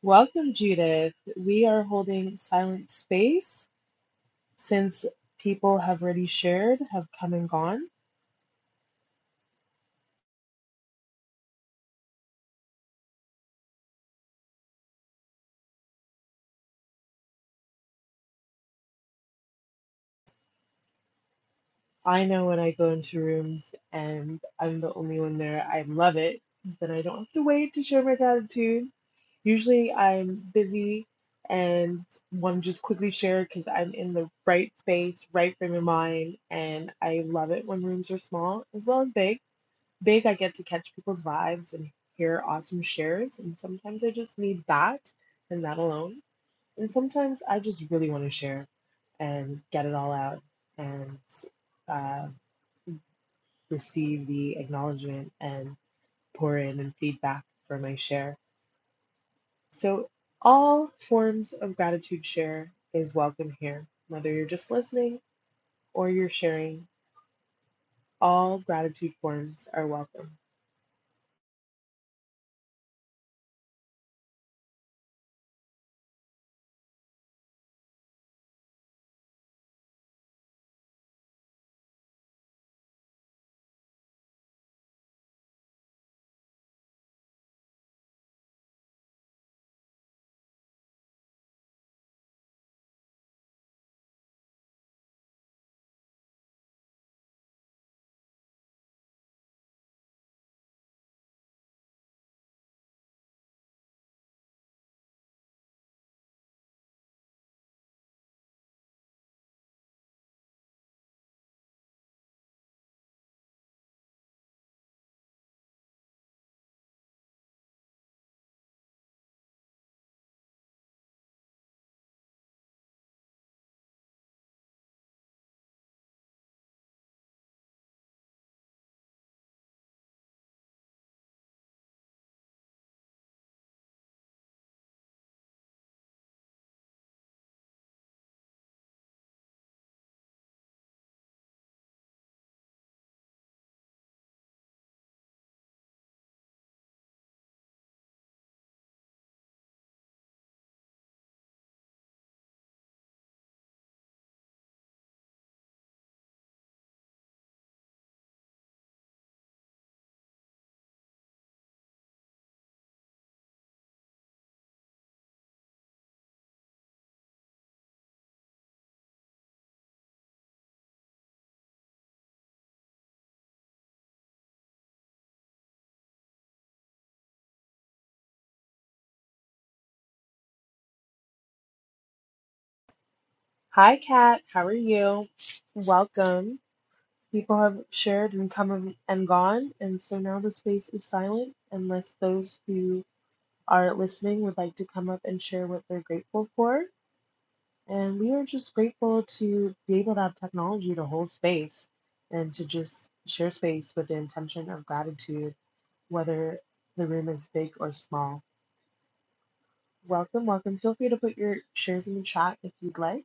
Welcome, Judith. We are holding silent space since people have already shared, have come and gone. I know when I go into rooms and I'm the only one there, I love it. 'cause Then I don't have to wait to share my gratitude. Usually I'm busy and want to just quickly share because I'm in the right space, right frame of mind, and I love it when rooms are small as well as big. Big, I get to catch people's vibes and hear awesome shares, and sometimes I just need that and that alone. And sometimes I just really want to share and get it all out and. uh, receive the acknowledgement and pour in and feedback for my share. So, all forms of gratitude share is welcome here, whether you're just listening or you're sharing, all gratitude forms are welcome. Hi, Kat, how are you? Welcome. People have shared and come and gone, and so now the space is silent unless those who are listening would like to come up and share what they're grateful for. And we are just grateful to be able to have technology to hold space and to just share space with the intention of gratitude, whether the room is big or small. Welcome, welcome. Feel free to put your shares in the chat if you'd like.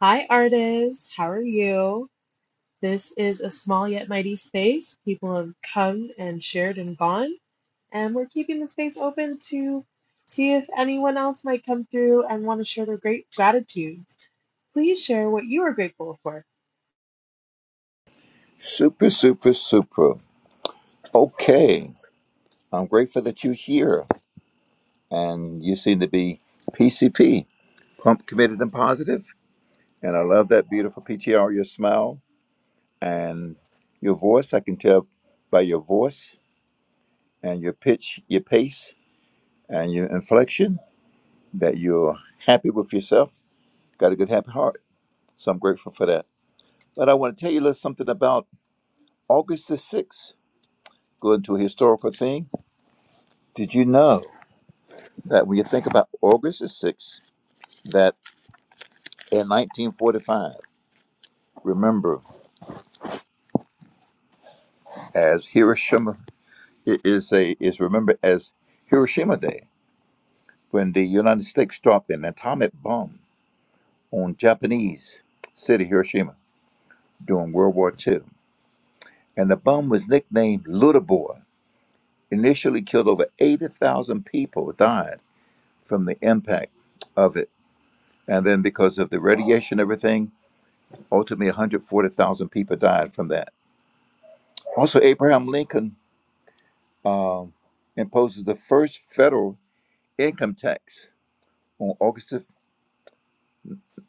Hi, artists. How are you? This is a small yet mighty space. People have come and shared and gone, and we're keeping the space open to see if anyone else might come through and want to share their great gratitudes please share what you are grateful for. Super, super, super. Okay. I'm grateful that you're here and you seem to be PCP, pump committed and positive. And I love that beautiful PTR, your smile and your voice. I can tell by your voice and your pitch, your pace, and your inflection that you're happy with yourself. Got a good, happy heart. So I'm grateful for that. But I want to tell you a little something about August the 6th. Going to a historical thing. Did you know? that when you think about August the 6th, that in 1945, remember as Hiroshima i- is a is remembered as Hiroshima Day when the United States dropped an atomic bomb on Japanese city Hiroshima during World War Two, and the bomb was nicknamed Little Boy. Initially killed over 80,000 people died from the impact of it, and then because of the radiation, everything ultimately 140,000 people died from that Also, Abraham Lincoln imposes the first federal income tax on August of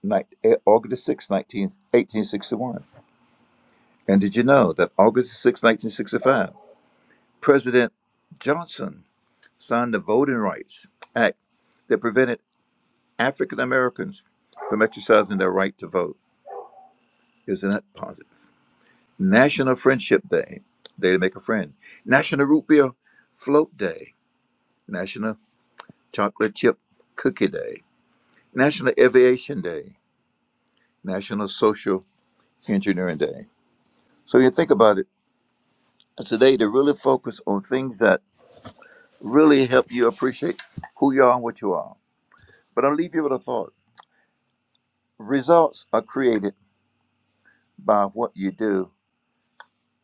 ni- eh, August sixth, 19 1861. And did you know that August sixth, 1965, President Johnson signed the Voting Rights Act that prevented African Americans from exercising their right to vote? Isn't that positive? National Friendship Day, Day to Make a Friend. National Root Beer Float Day. National Chocolate Chip Cookie Day. National Aviation Day, National Social Engineering Day. So you think about it today to really focus on things that really help you appreciate who you are and what you are. But I'll leave you with a thought. Results are created by what you do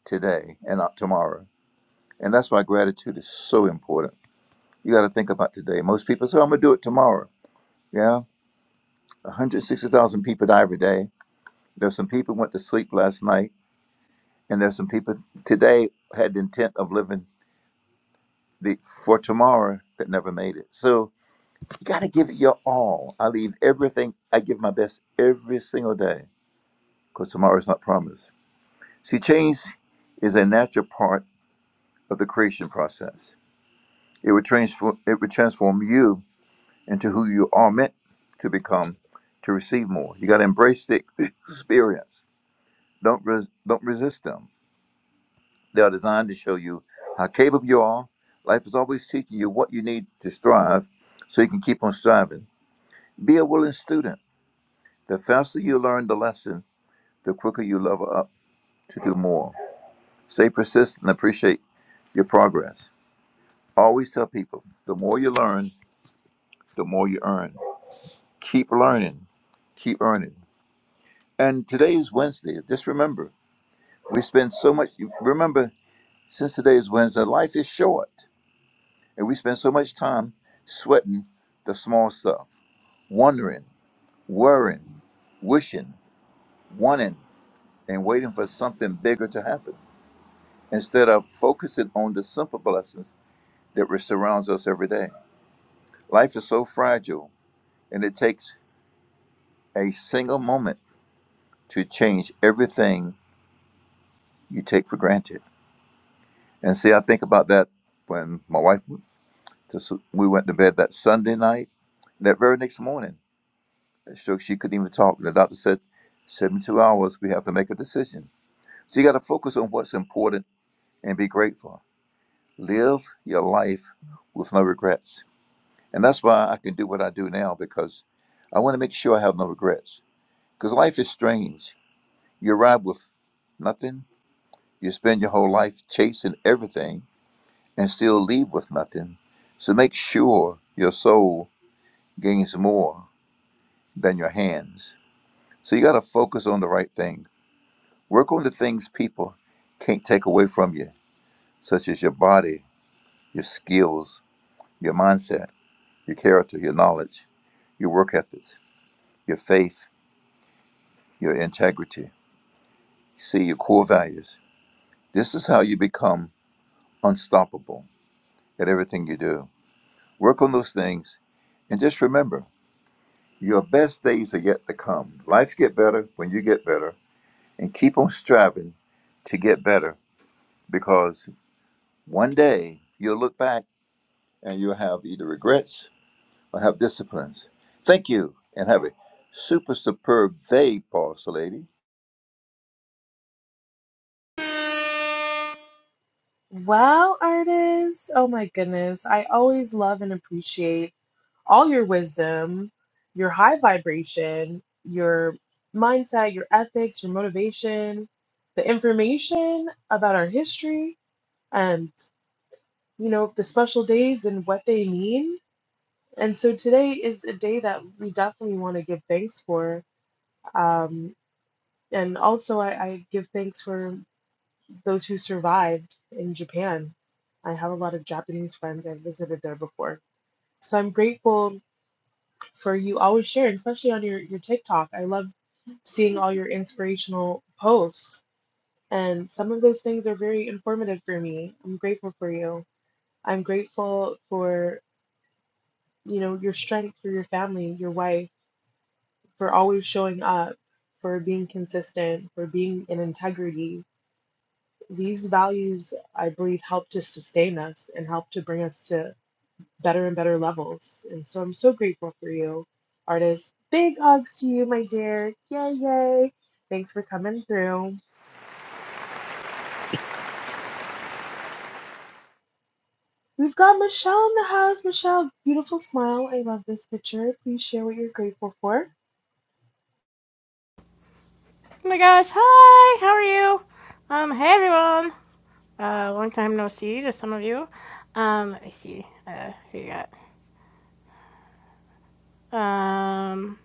today and not tomorrow. And that's why gratitude is so important. You got to think about today. Most people say, I'm going to do it tomorrow. Yeah. 160,000 people die every day. There's some people went to sleep last night, and there's some people today had the intent of living the for tomorrow that never made it. So you got to give it your all. I leave everything. I give my best every single day because tomorrow is not promised. See, change is a natural part of the creation process. It would transform. It would transform you into who you are meant to become to receive more. You got to embrace the experience. Don't res, don't resist them. They are designed to show you how capable you are. Life is always teaching you what you need to strive, so you can keep on striving. Be a willing student. The faster you learn the lesson, the quicker you level up to do more. Stay persistent and appreciate your progress. Always tell people the more you learn, the more you earn. Keep learning, keep earning. And today is Wednesday. Just remember, we spend so much, remember, since today is Wednesday, life is short. And we spend so much time sweating the small stuff, wondering, worrying, wishing, wanting, and waiting for something bigger to happen. instead of focusing on the simple blessings that surrounds us every day. Life is so fragile, and it takes a single moment to change everything you take for granted. And see, I think about that when my wife, we went to bed that Sunday night, that very next morning, so she couldn't even talk. The doctor said, 72 hours, we have to make a decision. So you got to focus on what's important and be grateful. Live your life with no regrets And that's why I can do what I do now because I want to make sure I have no regrets. Because life is strange. You arrive with nothing, you spend your whole life chasing everything and still leave with nothing. So make sure your soul gains more than your hands. So you got to focus on the right thing. Work on the things people can't take away from you, such as your body, your skills, your mindset, your character, your knowledge, your work ethics, your faith, your integrity See your core values. This is how you become unstoppable at everything you do. Work on those things and just remember your best days are yet to come. Life get better when you get better and keep on striving to get better because one day you'll look back and you'll have either regrets or have disciplines. Thank you and have a super superb day, boss lady. Well, artist, oh my goodness. I always love and appreciate all your wisdom, your high vibration, your mindset, your ethics, your motivation, the information about our history and, you know, the special days and what they mean. And so today is a day that we definitely want to give thanks for. Um, and also, I, I give thanks for. those who survived in Japan. I have a lot of Japanese friends. I've visited there before. So I'm grateful for you always sharing, especially on your, your TikTok. I love seeing all your inspirational posts. And some of those things are very informative for me. I'm grateful for you. I'm grateful for, you know, your strength for your family, your wife, for always showing up, for being consistent, for being in integrity. These values, I believe, help to sustain us and help to bring us to better and better levels. And so I'm so grateful for you, artist. Big hugs to you, my dear. Yay, yay. Thanks for coming through. We've got Michelle in the house. Michelle, beautiful smile. I love this picture. Please share what you're grateful for. Oh my gosh, hi, how are you? Um, hey everyone. Uh, long time no see to some of you. Um, let me see, uh, who you got? Um,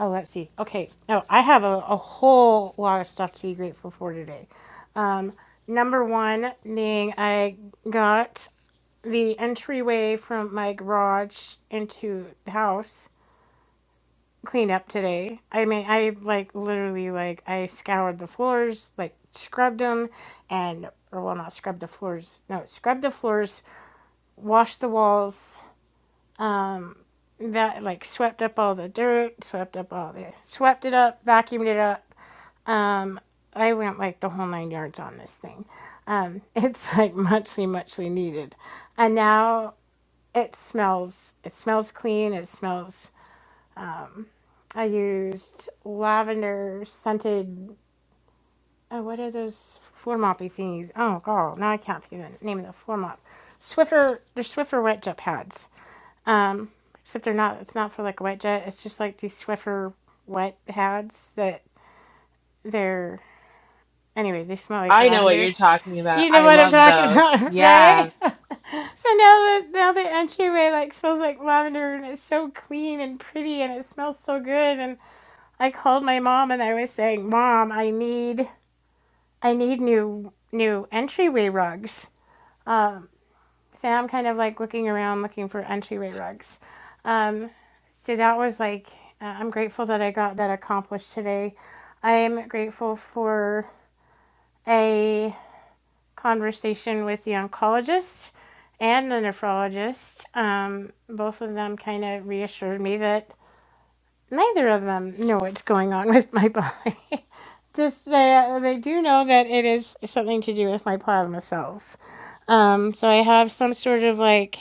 oh, let's see. Okay, oh, I have a, a whole lot of stuff to be grateful for today. Um, number one being I got the entryway from my garage into the house clean up today. I mean, I like literally like I scoured the floors, like scrubbed them, and or well, not scrubbed the floors. No, scrubbed the floors, washed the walls. Um, that like swept up all the dirt, swept up all the swept it up, vacuumed it up. Um, I went like the whole nine yards on this thing. Um, it's like muchly, muchly needed. And now it smells, it smells clean. It smells, I used lavender scented Oh, what are those floor moppy thingies? Oh, god, now I can't think of the name of the floor mop. Swiffer, they're Swiffer wet jet pads. Um, except they're not. It's not for like a wet jet. It's just like these Swiffer wet pads that they're. Anyways, they smell like I know what lavender. you're talking about. You know I what I'm love talking those. about, Yeah. right? so now the now the entryway like smells like lavender and it's so clean and pretty and it smells so good. And I called my mom and I was saying, Mom, I need I need new new entryway rugs So I'm kind of like looking around looking for entryway rugs. Um, so that was like, uh, I'm grateful that I got that accomplished today. I am grateful for a conversation with the oncologist and the nephrologist. Um, both of them kind of reassured me that neither of them know what's going on with my body. just they they do know that it is something to do with my plasma cells. Um, so I have some sort of like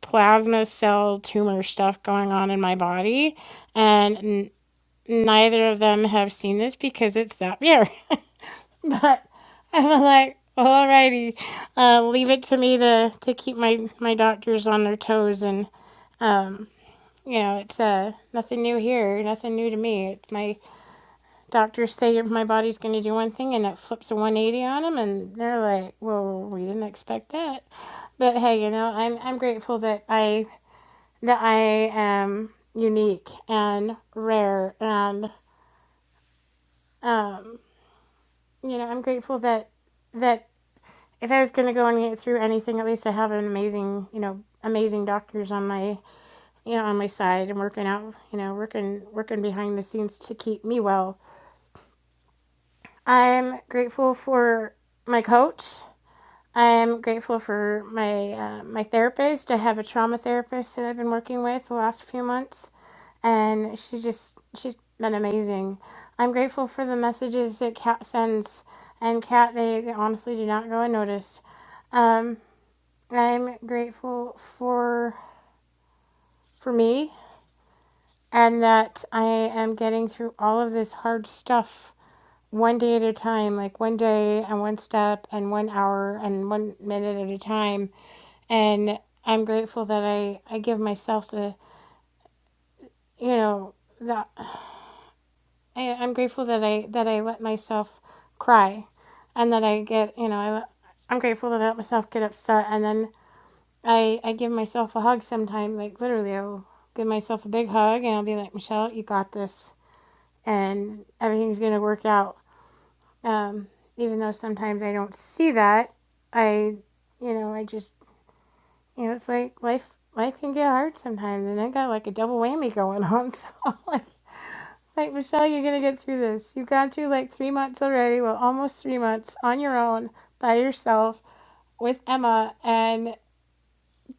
plasma cell tumor stuff going on in my body, and n- neither of them have seen this because it's that rare. But I'm like, well, alrighty, uh, leave it to me to to keep my my doctors on their toes, and um, you know, it's uh nothing new here, nothing new to me. It's my Doctors say my body's going to do one thing and it flips a 180 on them, and they're like, well, we didn't expect that. But hey, you know, I'm, I'm grateful that I that I am unique and rare, and um, you know, I'm grateful that that if I was going to go and get through anything, at least I have an amazing, you know, amazing doctors on my, you know, on my side and working out, you know, working working behind the scenes to keep me well. I'm grateful for my coach I am grateful for my uh, my therapist. I have a trauma therapist that I've been working with the last few months, and she just she's been amazing. I'm grateful for the messages that Kat sends, and Kat they, they honestly do not go unnoticed. Um, I'm grateful for for me and that I am getting through all of this hard stuff one day at a time, like one day and one step and one hour and one minute at a time and I'm grateful that I I give myself the you know that I, I'm grateful that I that I let myself cry, and that I get you know I I'm grateful that I let myself get upset, and then I I give myself a hug sometime like literally I will give myself a big hug and I'll be like Michelle you got this and everything's gonna work out. Um, even though sometimes I don't see that, I you know I just you know, it's like life life can get hard sometimes, and I got like a double whammy going on. So like, it's like Michelle, you're gonna get through this. You've gone through like three months already, well, almost three months on your own by yourself with Emma, and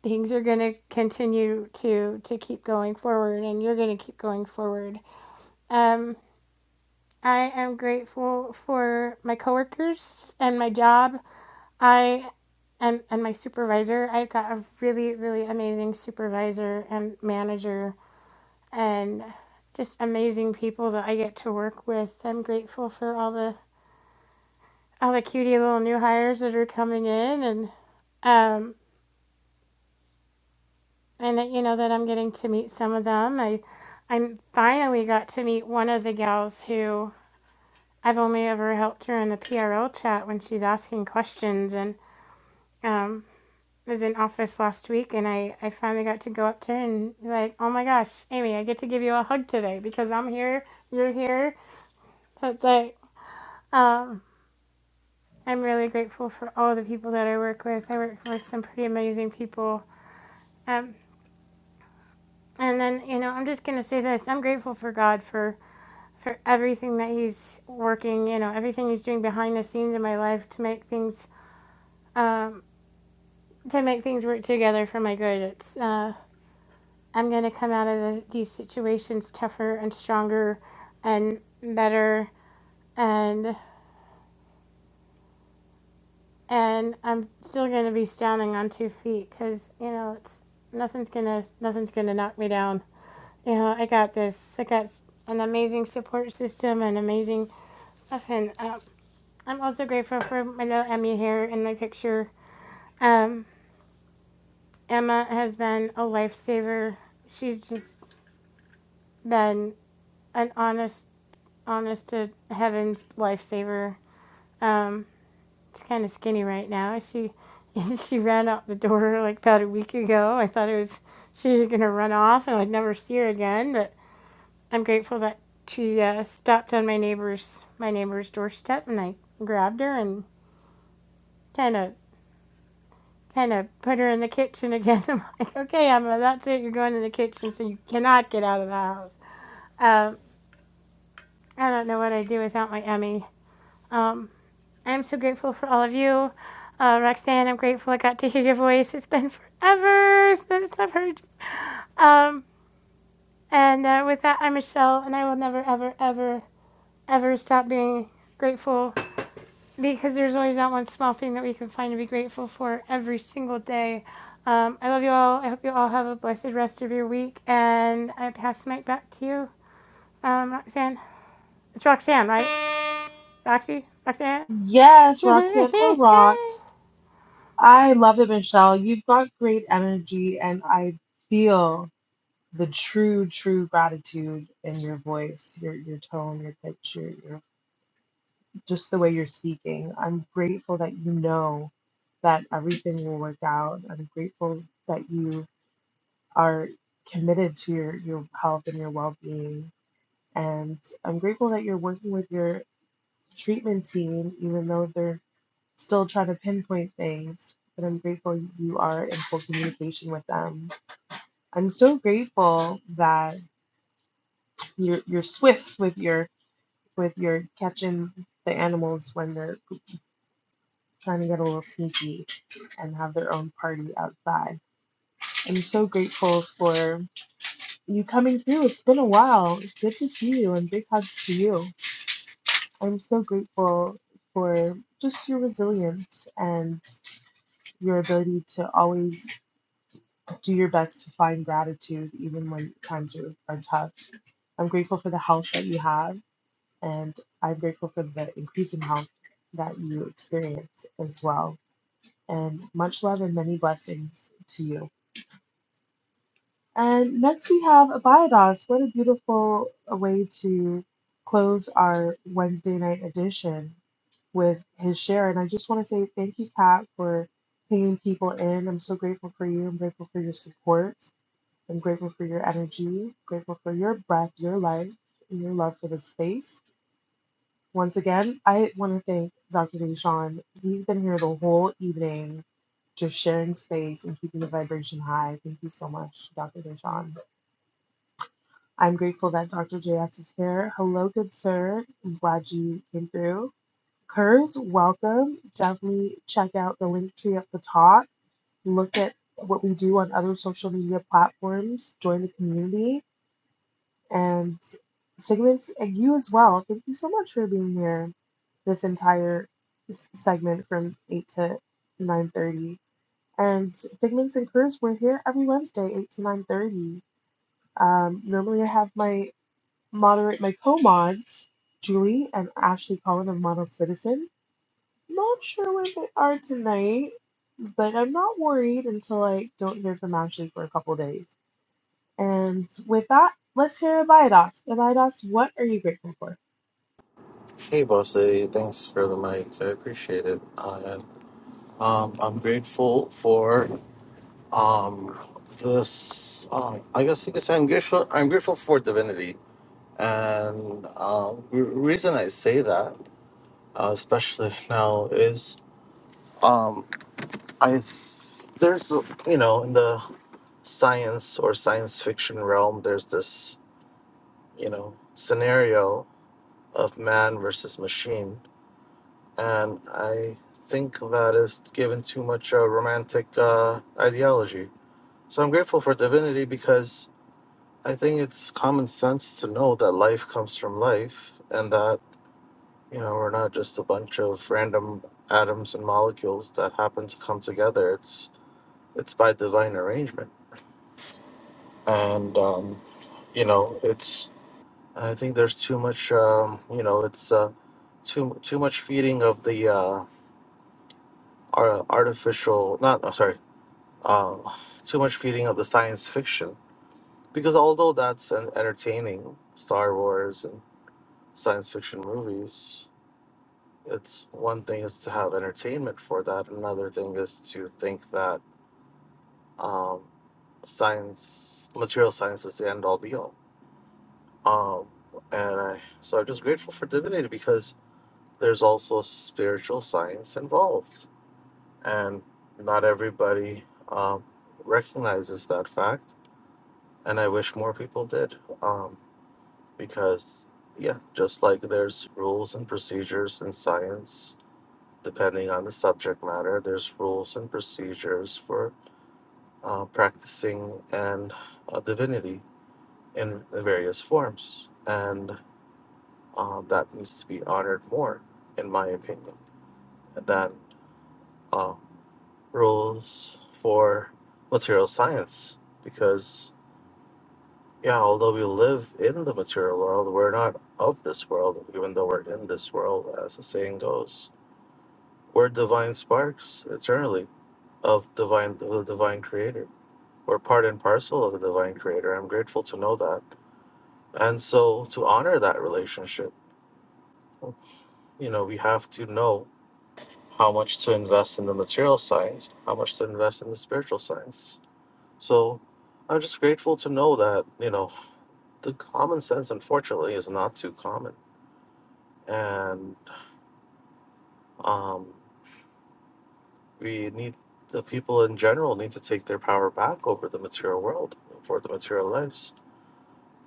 things are gonna continue to to keep going forward, and you're gonna keep going forward. Um, I am grateful for my coworkers and my job I and and my supervisor, I've got a really really amazing supervisor and manager and just amazing people that I get to work with. I'm grateful for all the all the cutie little new hires that are coming in and um and that, you know that I'm getting to meet some of them. I I finally got to meet one of the gals who I've only ever helped her in the PRL chat when she's asking questions and um. was in office last week and I, I finally got to go up to her and be like, oh my gosh, Amy, I get to give you a hug today because I'm here, you're here. That's like, I'm really grateful for all the people that I work with. I work with some pretty amazing people. Um, and then, you know, I'm just going to say this I'm grateful for God for, for everything that He's working, you know, everything He's doing behind the scenes in my life to make things, um, to make things work together for my good. It's, uh, I'm going to come out of the, these situations tougher and stronger and better and and I'm still going to be standing on two feet cuz you know it's nothing's going to nothing's going to knock me down. You know, I got this. I got an amazing support system and amazing and uh, I'm also grateful for my little Emmy here in the picture. Um, Emma has been a lifesaver. She's just been an honest honest to heaven's lifesaver Um, it's kind of skinny right now. She she ran out the door like about a week ago. I thought it was she was gonna run off and I'd never see her again. But I'm grateful that she uh, stopped on my neighbor's my neighbor's doorstep and I grabbed her and kind of kind of put her in the kitchen again. I'm like, okay, Emma, that's it. You're going in the kitchen, so you cannot get out of the house. Um, I don't know what I'd do without my Emmy. Um, I'm so grateful for all of you. Uh, Roxanne, I'm grateful I got to hear your voice. It's been forever since I've heard you. Um, and uh, with that, I'm Michelle, and I will never, ever, ever, ever stop being grateful because there's always that one small thing that we can find to be grateful for every single day. Um, I love you all. I hope you all have a blessed rest of your week. And I pass the mic back to you, um, Roxanne. It's Roxanne, right? Roxy? Roxanne? Yes, Roxanne or Rox. I love it, Michelle. You've got great energy, and I feel the true, true gratitude in your voice, your your tone, your pitch, your, your just the way you're speaking. I'm grateful that you know that everything will work out. I'm grateful that you are committed to your, your health and your well being. And I'm grateful that you're working with your treatment team, even though they're still trying to pinpoint things. But I'm grateful you are in full communication with them. I'm so grateful that you're you're swift with your with your catching the animals when they're trying to get a little sneaky and have their own party outside. I'm so grateful for you coming through. It's been a while. Good to see you and big hugs to you. I'm so grateful for just your resilience and your ability to always do your best to find gratitude even when times are, are tough. I'm grateful for the health that you have and I'm grateful for the increasing health that you experience as well. And much love and many blessings to you. And next we have Abiados. What a beautiful uh, way to close our Wednesday night edition with his share. And I just want to say thank you, Kat, for pinging people in. I'm so grateful for you. I'm grateful for your support. I'm grateful for your energy. Grateful for your breath, your life, and your love for the space. Once again, I want to thank Dr. Deshawn. He's been here the whole evening, just sharing space and keeping the vibration high. Thank you so much, Dr. Deshawn. I'm grateful that Dr. JS is here. Hello, good sir. I'm glad you came through. Kurs, welcome. Definitely check out the link tree at the top. Look at what we do on other social media platforms. Join the community. And Figments, and you as well. Thank you so much for being here this entire s- segment from 8 to 9.30. And Figments and Kurs, we're here every Wednesday, 8 to 9.30. Um, normally I have my moderate my co-mods, Julie and Ashley Collin of Model Citizen. Not sure where they are tonight, but I'm not worried until I don't hear from Ashley for a couple days. And with that, let's hear about IDOS. And IDOS, what are you grateful for? Hey, Boss Lady, thanks for the mic. I appreciate it. Uh, um, I'm grateful for um, this. Um, I guess you could say I'm grateful. I'm grateful for divinity, and um, re- reason I say that, uh, especially now, is um, I there's you know in the science or science fiction realm, there's this you know scenario of man versus machine and I think that is given too much uh, romantic uh, ideology. So I'm grateful for divinity because I think it's common sense to know that life comes from life and that, you know, we're not just a bunch of random atoms and molecules that happen to come together. It's it's by divine arrangement. And um, you know, it's I think there's too much um, you know, it's uh, too too much feeding of the uh, ar- artificial not oh, sorry uh, too much feeling of the science fiction because although that's an entertaining Star Wars and science fiction movies, it's one thing is to have entertainment for that. Another thing is to think that um, science, material science, is the end all be all. Um, and I, so I'm just grateful for divinity because there's also spiritual science involved, and not everybody um, recognizes that fact and I wish more people did. Um, because yeah, just like there's rules and procedures in science, depending on the subject matter, there's rules and procedures for uh, practicing and uh, divinity in the various forms, and uh, that needs to be honored more, in my opinion, than uh, rules for material science, because Yeah, although we live in the material world, we're not of this world, even though we're in this world, as the saying goes. We're divine sparks eternally of divine of the divine creator. We're part and parcel of the divine creator. I'm grateful to know that. And so to honor that relationship, you know, we have to know how much to invest in the material science, how much to invest in the spiritual science. So I'm just grateful to know that, you know, the common sense unfortunately is not too common and um, we need the people in general need to take their power back over the material world for the material lives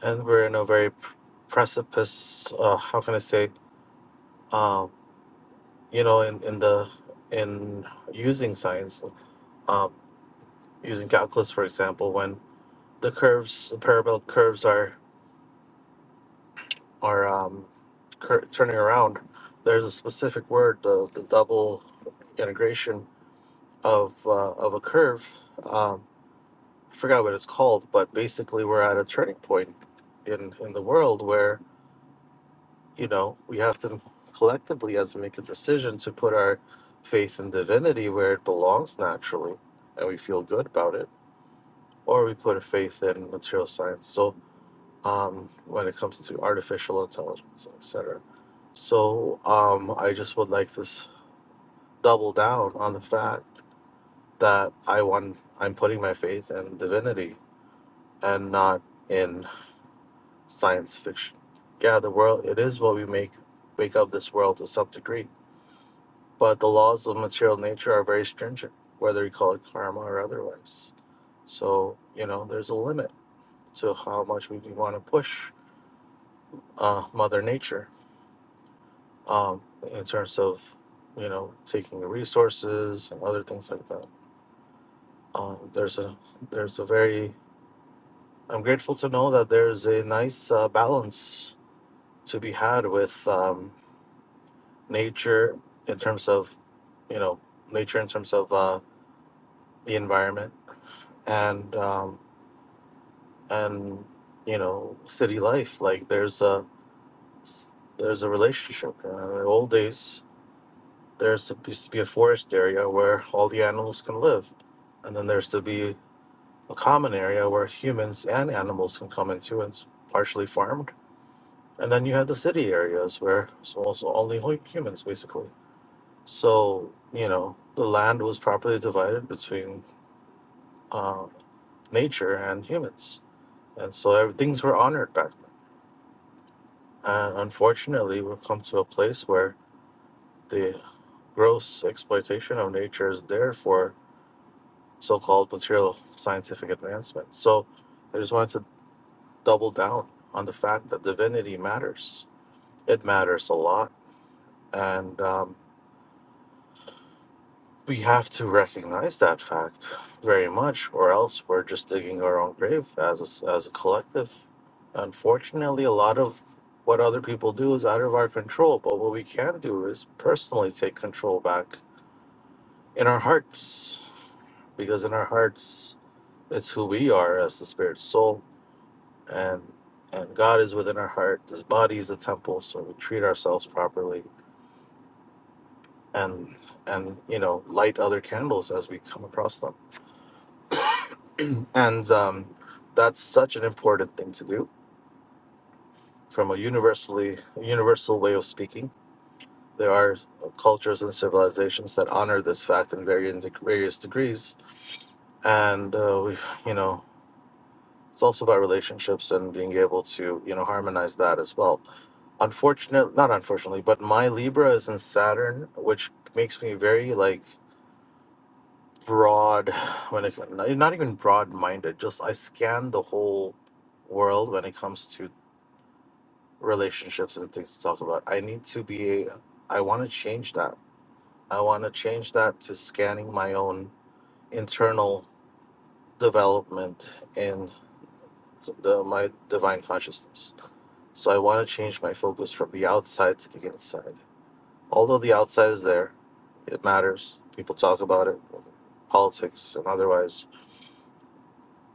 and we're in a very pr- precipice uh, how can i say um, you know in, in the in using science um, using calculus for example when the curves the parabolic curves are are um, cur- turning around there's a specific word the, the double integration of uh, of a curve Um, I forgot what it's called, but basically we're at a turning point in in the world where you know we have to collectively as to make a decision to put our faith in divinity where it belongs naturally, and we feel good about it, or we put a faith in material science. So um, when it comes to artificial intelligence, etc. So um, I just would like to s- double down on the fact that I want I'm putting my faith in divinity and not in science fiction. Yeah, the world it is what we make make of this world to some degree. But the laws of material nature are very stringent, whether you call it karma or otherwise. So, you know, there's a limit to how much we want to push uh, Mother Nature um, in terms of, you know, taking the resources and other things like that. Um, there's a there's a very I'm grateful to know that there's a nice uh, balance to be had with. Um, nature in terms of you know nature in terms of uh, the environment and um, and you know city life like there's a s- there's a relationship uh, in the old days there's used to be a forest area where all the animals can live and then there's to be a common area where humans and animals can come into and it's partially farmed and then you have the city areas where it's also only hu- humans basically So, you know, the land was properly divided between uh, nature and humans. And so ev- things were honored back then. And unfortunately, we've come to a place where the gross exploitation of nature is there for so called material scientific advancement. So I just wanted to double down on the fact that divinity matters. It matters a lot. And um, we have to recognize that fact very much, or else we're just digging our own grave as a, s- as a collective. Unfortunately, a lot of what other people do is out of our control, but what we can do is personally take control back in our hearts, because in our hearts, it's who we are as the spirit soul, and and God is within our heart. This body is a temple, so we treat ourselves properly, and and you know light other candles as we come across them and um, that's such an important thing to do from a universally universal way of speaking there are uh, cultures and civilizations that honor this fact in varying deg- various degrees and uh, we you know it's also about relationships and being able to you know harmonize that as well unfortunately not unfortunately but my libra is in saturn which makes me very like broad when it not even broad minded just i scan the whole world when it comes to relationships and things to talk about. I need to be, I want to change that. I want to change that to scanning my own internal development in the my divine consciousness. So I want to change my focus from the outside to the inside. Although the outside is there, it matters. People talk about it, politics and otherwise.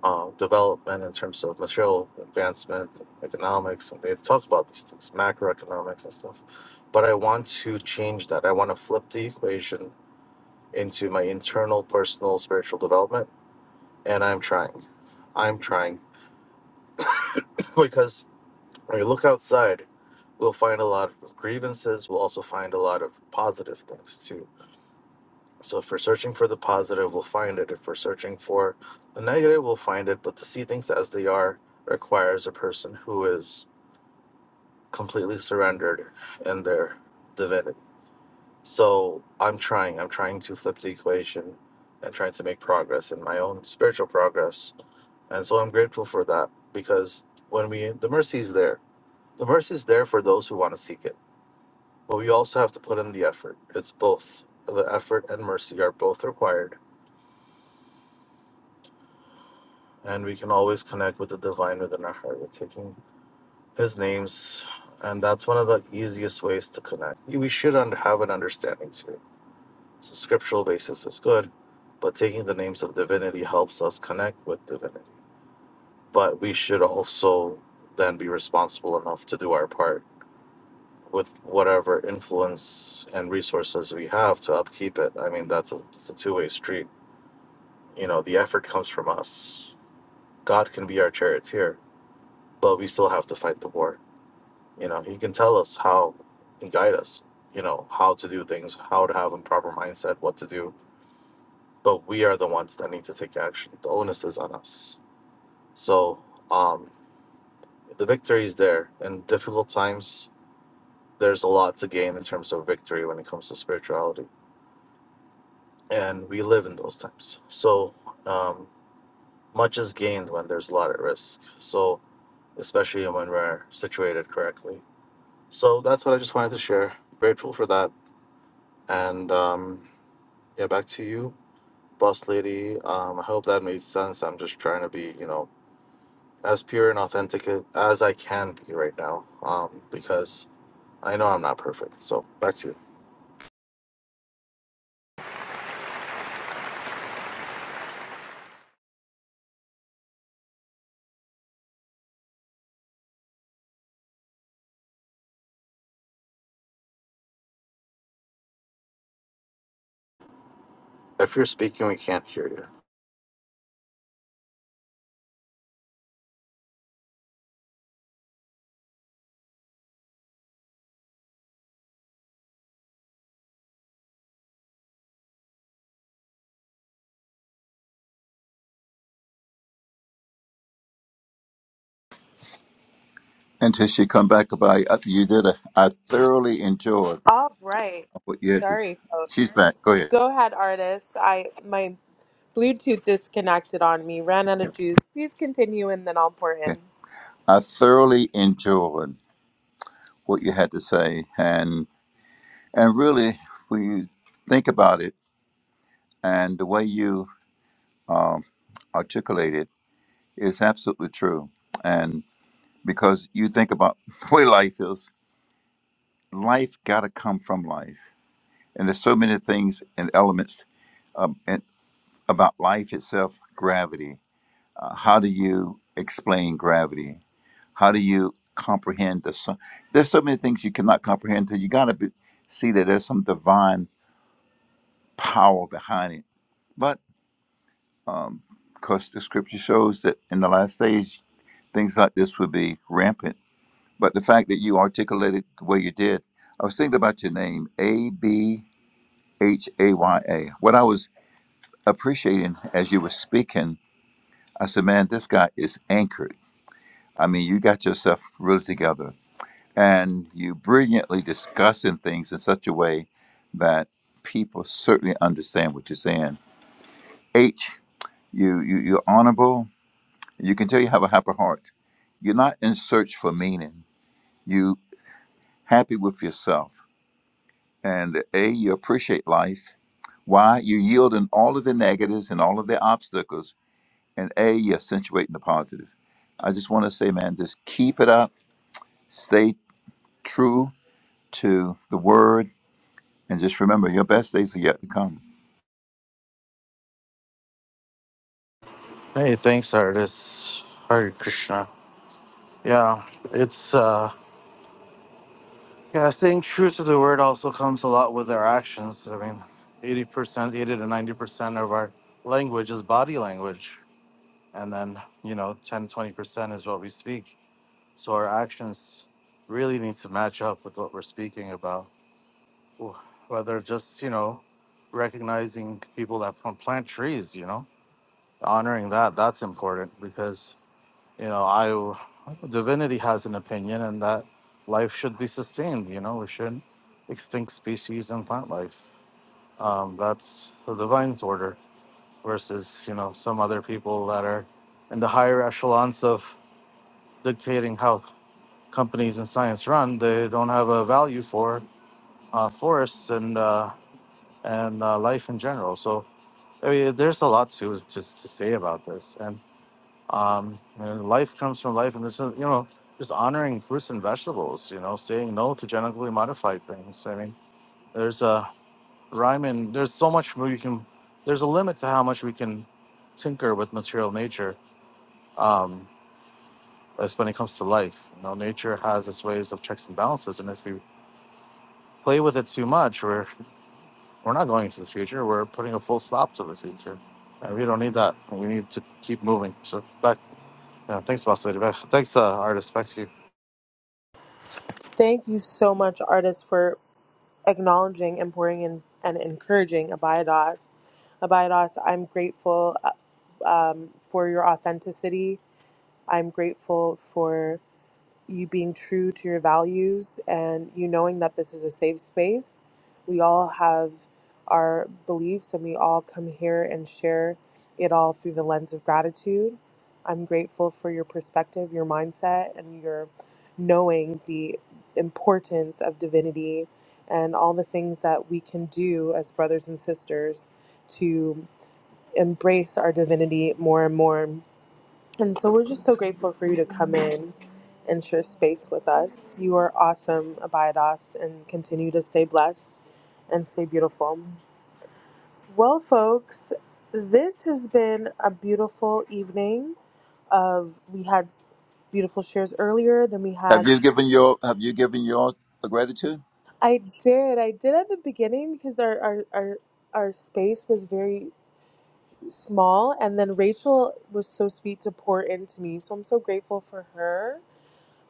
um, development in terms of material advancement, economics, and they talk about these things, macroeconomics and stuff. But I want to change that. I want to flip the equation into my internal, personal, spiritual development, and I'm trying. I'm trying because when you look outside, we'll find a lot of grievances. We'll also find a lot of positive things too So if we're searching for the positive, we'll find it. If we're searching for the negative, we'll find it. But to see things as they are requires a person who is completely surrendered in their divinity. So I'm trying. I'm trying to flip the equation and trying to make progress in my own spiritual progress. And so I'm grateful for that because when we, the mercy is there. The mercy is there for those who want to seek it. But we also have to put in the effort. It's both. The effort and mercy are both required and we can always connect with the divine within our heart with taking his names and that's one of the easiest ways to connect we should under, have an understanding too so scriptural basis is good but taking the names of divinity helps us connect with divinity but we should also then be responsible enough to do our part with whatever influence and resources we have to upkeep it i mean that's a, it's a two-way street you know the effort comes from us god can be our charioteer but we still have to fight the war You know, he can tell us how and guide us, you know, how to do things, how to have a proper mindset, what to do. But we are the ones that need to take action. The onus is on us. So um, the victory is there. In difficult times, there's a lot to gain in terms of victory when it comes to spirituality. And we live in those times. So um, much is gained when there's a lot at risk. So, especially when we're situated correctly. So that's what I just wanted to share. Grateful for that. And um, Yeah, back to you, boss lady. Um, I hope that made sense. I'm just trying to be, you know, as pure and authentic as I can be right now, um, because I know I'm not perfect. So back to you. If you're speaking, we can't hear you. Until she come back by, you did a, I thoroughly enjoyed Right. what you had to. s- Sorry. She's back. Go ahead. Go ahead, artist. I my Bluetooth disconnected on me, ran out of juice. Please continue and then I'll pour in. Okay. I thoroughly enjoyed what you had to say, and and really, when you think about it, and the way you um, articulate it is absolutely true. And because you think about the way life is, life got to come from life, and there's so many things and elements um, and about life itself. Gravity. Uh, how do you explain gravity? How do you comprehend the son? There's so many things you cannot comprehend until you gotta be, see that there's some divine power behind it. But um, because the scripture shows that in the last days things like this would be rampant. But the fact that you articulated the way you did, I was thinking about your name, A B H A Y A. What I was appreciating as you were speaking, I said, man, this guy is anchored. I mean, you got yourself really together and you brilliantly discussing things in such a way that people certainly understand what you're saying. H, you, you you're honorable. You can tell you have a happy heart. You're not in search for meaning. You happy with yourself. And A, you appreciate life. Why? You yield in all of the negatives and all of the obstacles. And A, you accentuate in the positive. I just want to say, man, just keep it up. Stay true to the word And just remember, your best days are yet to come. Hey, thanks, artist. Hare Krishna. Yeah, it's uh, yeah, staying true to the word also comes a lot with our actions. I mean, eighty percent, eighty to ninety percent of our language is body language, and then you know, 10 20 percent is what we speak So our actions really need to match up with what we're speaking about. Wh- Whether just, you know, recognizing people that plant plant trees, you know, honoring that, that's important because, you know, I, divinity has an opinion and that life should be sustained, you know, we shouldn't extinct species and plant life. Um, that's the divine's order versus, you know, some other people that are in the higher echelons of dictating how companies in science run, they don't have a value for uh, forests and uh, and uh, life in general. So I mean, there's a lot to just to say about this, and um, and life comes from life, and this is you know just honoring fruits and vegetables, you know, saying no to genetically modified things. I mean, there's a rhyme and there's so much more you can. There's a limit to how much we can tinker with material nature. Um, as when it comes to life, you know, nature has its ways of checks and balances, and if we play with it too much, we're we're not going into the future. We're putting a full stop to the future, and we don't need that. We need to keep moving. So back, yeah, thanks, boss lady. Back, thanks, uh, artist. Back to you. Thank you so much, artist, for acknowledging, importing, and, and encouraging Abiados. Abiados, I'm grateful uh, um, for your authenticity. I'm grateful for you being true to your values and you knowing that this is a safe space. We all have our beliefs and we all come here and share it all through the lens of gratitude. I'm grateful for your perspective, your mindset, and your knowing the importance of divinity and all the things that we can do as brothers and sisters to embrace our divinity more and more and so we're just so grateful for you to come in and share space with us. You are awesome. Abide us and continue to stay blessed and stay beautiful. Well, folks, this has been a beautiful evening of we had beautiful shares earlier than we had Have you given your Have you given your gratitude? I did. I did at the beginning because our our our, our space was very small and then Rachel was so sweet to pour into me. So I'm so grateful for her.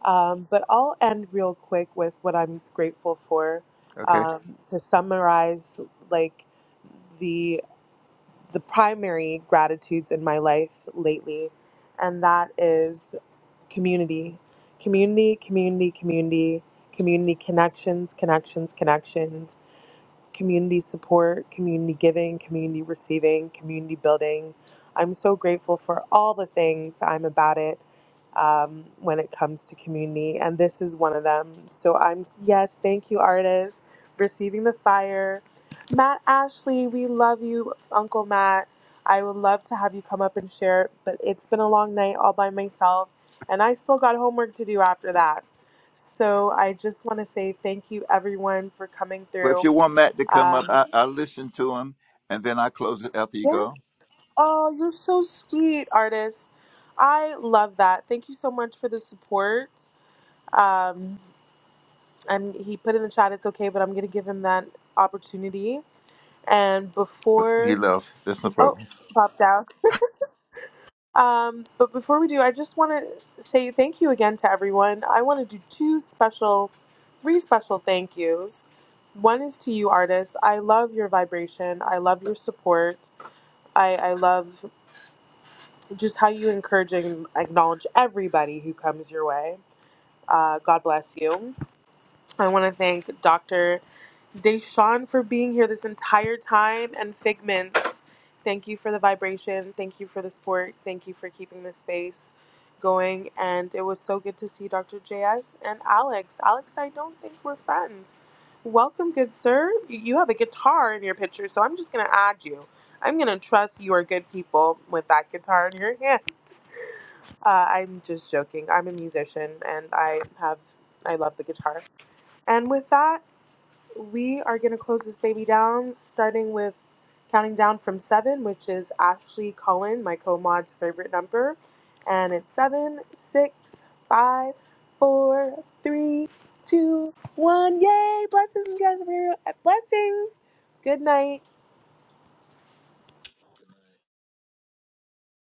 Um, but I'll end real quick with what I'm grateful for. Okay. Um, to summarize, like the the primary gratitudes in my life lately, and that is community, community, community, community, community connections, connections, connections community support, community giving, community receiving, community building. I'm so grateful for all the things I'm about it um, when it comes to community, and this is one of them. So I'm, yes, thank you, artists, receiving the fire. Matt Ashley, we love you, Uncle Matt. I would love to have you come up and share, but it's been a long night all by myself, and I still got homework to do after that. So I just want to say thank you, everyone, for coming Well, if through. you want Matt to come up, Um, I, I listen to him, and then I close it after you yeah. go. Oh, you're so sweet, artist. I love that. Thank you so much for the support. Um, and he put in the chat, it's okay, but I'm going to give him that opportunity. And But he before, left. That's no oh, problem. popped out. Um, but before we do, I just want to say thank you again to everyone. I want to do two special, three special thank yous. One is to you, artists. I love your vibration. I love your support. I, I love just how you encourage and acknowledge everybody who comes your way. Uh, God bless you. I want to thank Dr. Deshawn for being here this entire time and Figment. Thank you for the vibration. Thank you for the support. Thank you for keeping this space going. And it was so good to see Dr. JS and Alex. Alex, I don't think we're friends. Welcome, good sir. You have a guitar in your picture, so I'm just going to add you. I'm going to trust you are good people with that guitar in your hand. Uh, I'm just joking. I'm a musician and I have, I love the guitar. And with that, we are going to close this baby down, starting with counting down from seven, which is Ashley Cullen, my co mod's favorite number. And it's seven, six, five, four, three, two, one. Yay! Blessings and blessings. Blessings. Good night.